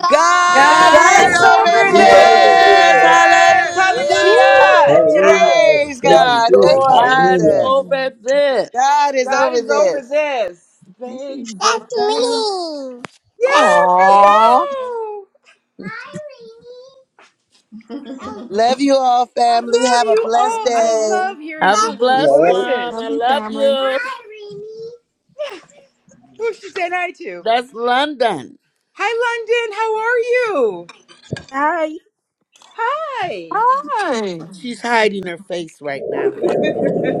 Speaker 6: God.
Speaker 2: God
Speaker 11: God's
Speaker 1: God,
Speaker 6: Hi,
Speaker 2: is
Speaker 3: God's
Speaker 13: it's
Speaker 2: over
Speaker 11: over
Speaker 1: sovereign.
Speaker 3: over
Speaker 13: over.
Speaker 10: Yes.
Speaker 11: this.
Speaker 2: this.
Speaker 3: this.
Speaker 13: there.
Speaker 11: Woo!
Speaker 10: Woo! woo woo
Speaker 2: Hallelujah.
Speaker 11: Good
Speaker 3: Hallelujah.
Speaker 11: job.
Speaker 10: woo.
Speaker 7: Hallelujah.
Speaker 2: Praise
Speaker 7: Thank
Speaker 10: Yes,
Speaker 7: you,
Speaker 2: God.
Speaker 7: Jesus.
Speaker 2: Thank you,
Speaker 10: Lord.
Speaker 12: God's
Speaker 7: Hallelujah.
Speaker 2: Jesus.
Speaker 12: over this.
Speaker 2: God is
Speaker 3: God
Speaker 2: over
Speaker 3: is over
Speaker 2: this.
Speaker 3: this. Thankful,
Speaker 12: That's
Speaker 3: thank.
Speaker 12: me. That's,
Speaker 3: Yes.
Speaker 1: Aw,
Speaker 3: Hello.
Speaker 6: Rainy.
Speaker 2: Love you all, family.
Speaker 3: Love
Speaker 2: Have a
Speaker 3: you
Speaker 2: blessed
Speaker 3: all. I
Speaker 2: day.
Speaker 3: love hearing
Speaker 12: Have a that's
Speaker 7: You
Speaker 3: children's
Speaker 12: blessed
Speaker 7: all
Speaker 12: me.
Speaker 7: right?
Speaker 12: one.
Speaker 1: love
Speaker 12: I
Speaker 3: voices.
Speaker 1: you,
Speaker 12: love
Speaker 1: family.
Speaker 12: you.
Speaker 6: Hi, Rainy.
Speaker 3: Who she said hi to.
Speaker 12: That's London.
Speaker 3: Hi, London. How are
Speaker 12: Hi.
Speaker 1: Hi.
Speaker 12: She's hiding her face right now.
Speaker 3: you? Hi.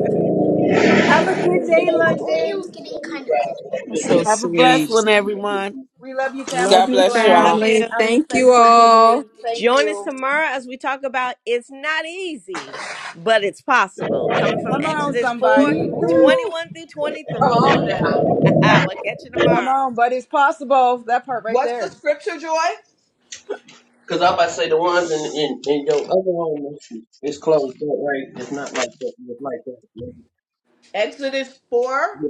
Speaker 3: Have a good day,
Speaker 6: Oh, it was
Speaker 3: London.
Speaker 6: getting kind of cold.
Speaker 1: That's so
Speaker 12: Have a blessed
Speaker 1: sweet.
Speaker 12: one, everyone.
Speaker 3: We love you, family.
Speaker 1: Love
Speaker 10: God
Speaker 3: Be
Speaker 1: you,
Speaker 10: bless you
Speaker 3: blessed.
Speaker 11: Love
Speaker 10: all.
Speaker 11: you.
Speaker 1: family.
Speaker 3: I'm the
Speaker 1: Thank you
Speaker 3: thankful
Speaker 1: all.
Speaker 3: giving. Thank
Speaker 11: Join us
Speaker 3: you.
Speaker 11: tomorrow as we talk about it's not easy, but it's possible. Coming from
Speaker 3: Come on,
Speaker 11: Exodus 4:21
Speaker 3: somebody. Ooh.
Speaker 11: through 23.
Speaker 6: Oh, yeah.
Speaker 11: we'll catch you
Speaker 3: Come
Speaker 11: tomorrow.
Speaker 3: on, but it's possible. That part right
Speaker 6: What's the
Speaker 3: there.
Speaker 6: scripture, Joy?
Speaker 7: Because I'm about to say the ones in, in, in your other home is closed up, right? It's not like that. It's like that.
Speaker 6: Exodus 4.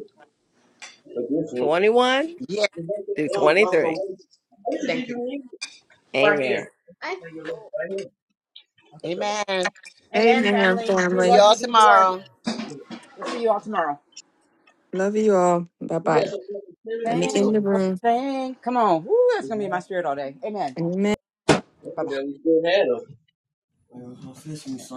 Speaker 7: But this one.
Speaker 11: 21
Speaker 2: Yeah.
Speaker 11: through
Speaker 7: Um, my- my
Speaker 11: 23.
Speaker 7: What
Speaker 6: Thank
Speaker 7: did
Speaker 6: you.
Speaker 7: you need? Right
Speaker 11: Amen.
Speaker 7: here.
Speaker 6: I
Speaker 7: Right here.
Speaker 2: Amen.
Speaker 3: Amen,
Speaker 1: Amen,
Speaker 3: family. We
Speaker 2: See you
Speaker 1: family.
Speaker 3: love
Speaker 2: all
Speaker 3: you. Be blessed.
Speaker 2: tomorrow.
Speaker 3: We'll see you all tomorrow.
Speaker 1: Love you all. Bye
Speaker 7: You
Speaker 1: bye.
Speaker 7: got some little tender
Speaker 1: Let me
Speaker 7: things
Speaker 1: in
Speaker 3: Thank,
Speaker 7: on.
Speaker 1: the room.
Speaker 3: thank. Come on. Woo, that's going to be my spirit all day. Amen.
Speaker 1: Amen.
Speaker 3: Bye
Speaker 7: Look
Speaker 3: bye.
Speaker 7: at that. We still had them. Well, I'm fishing, son.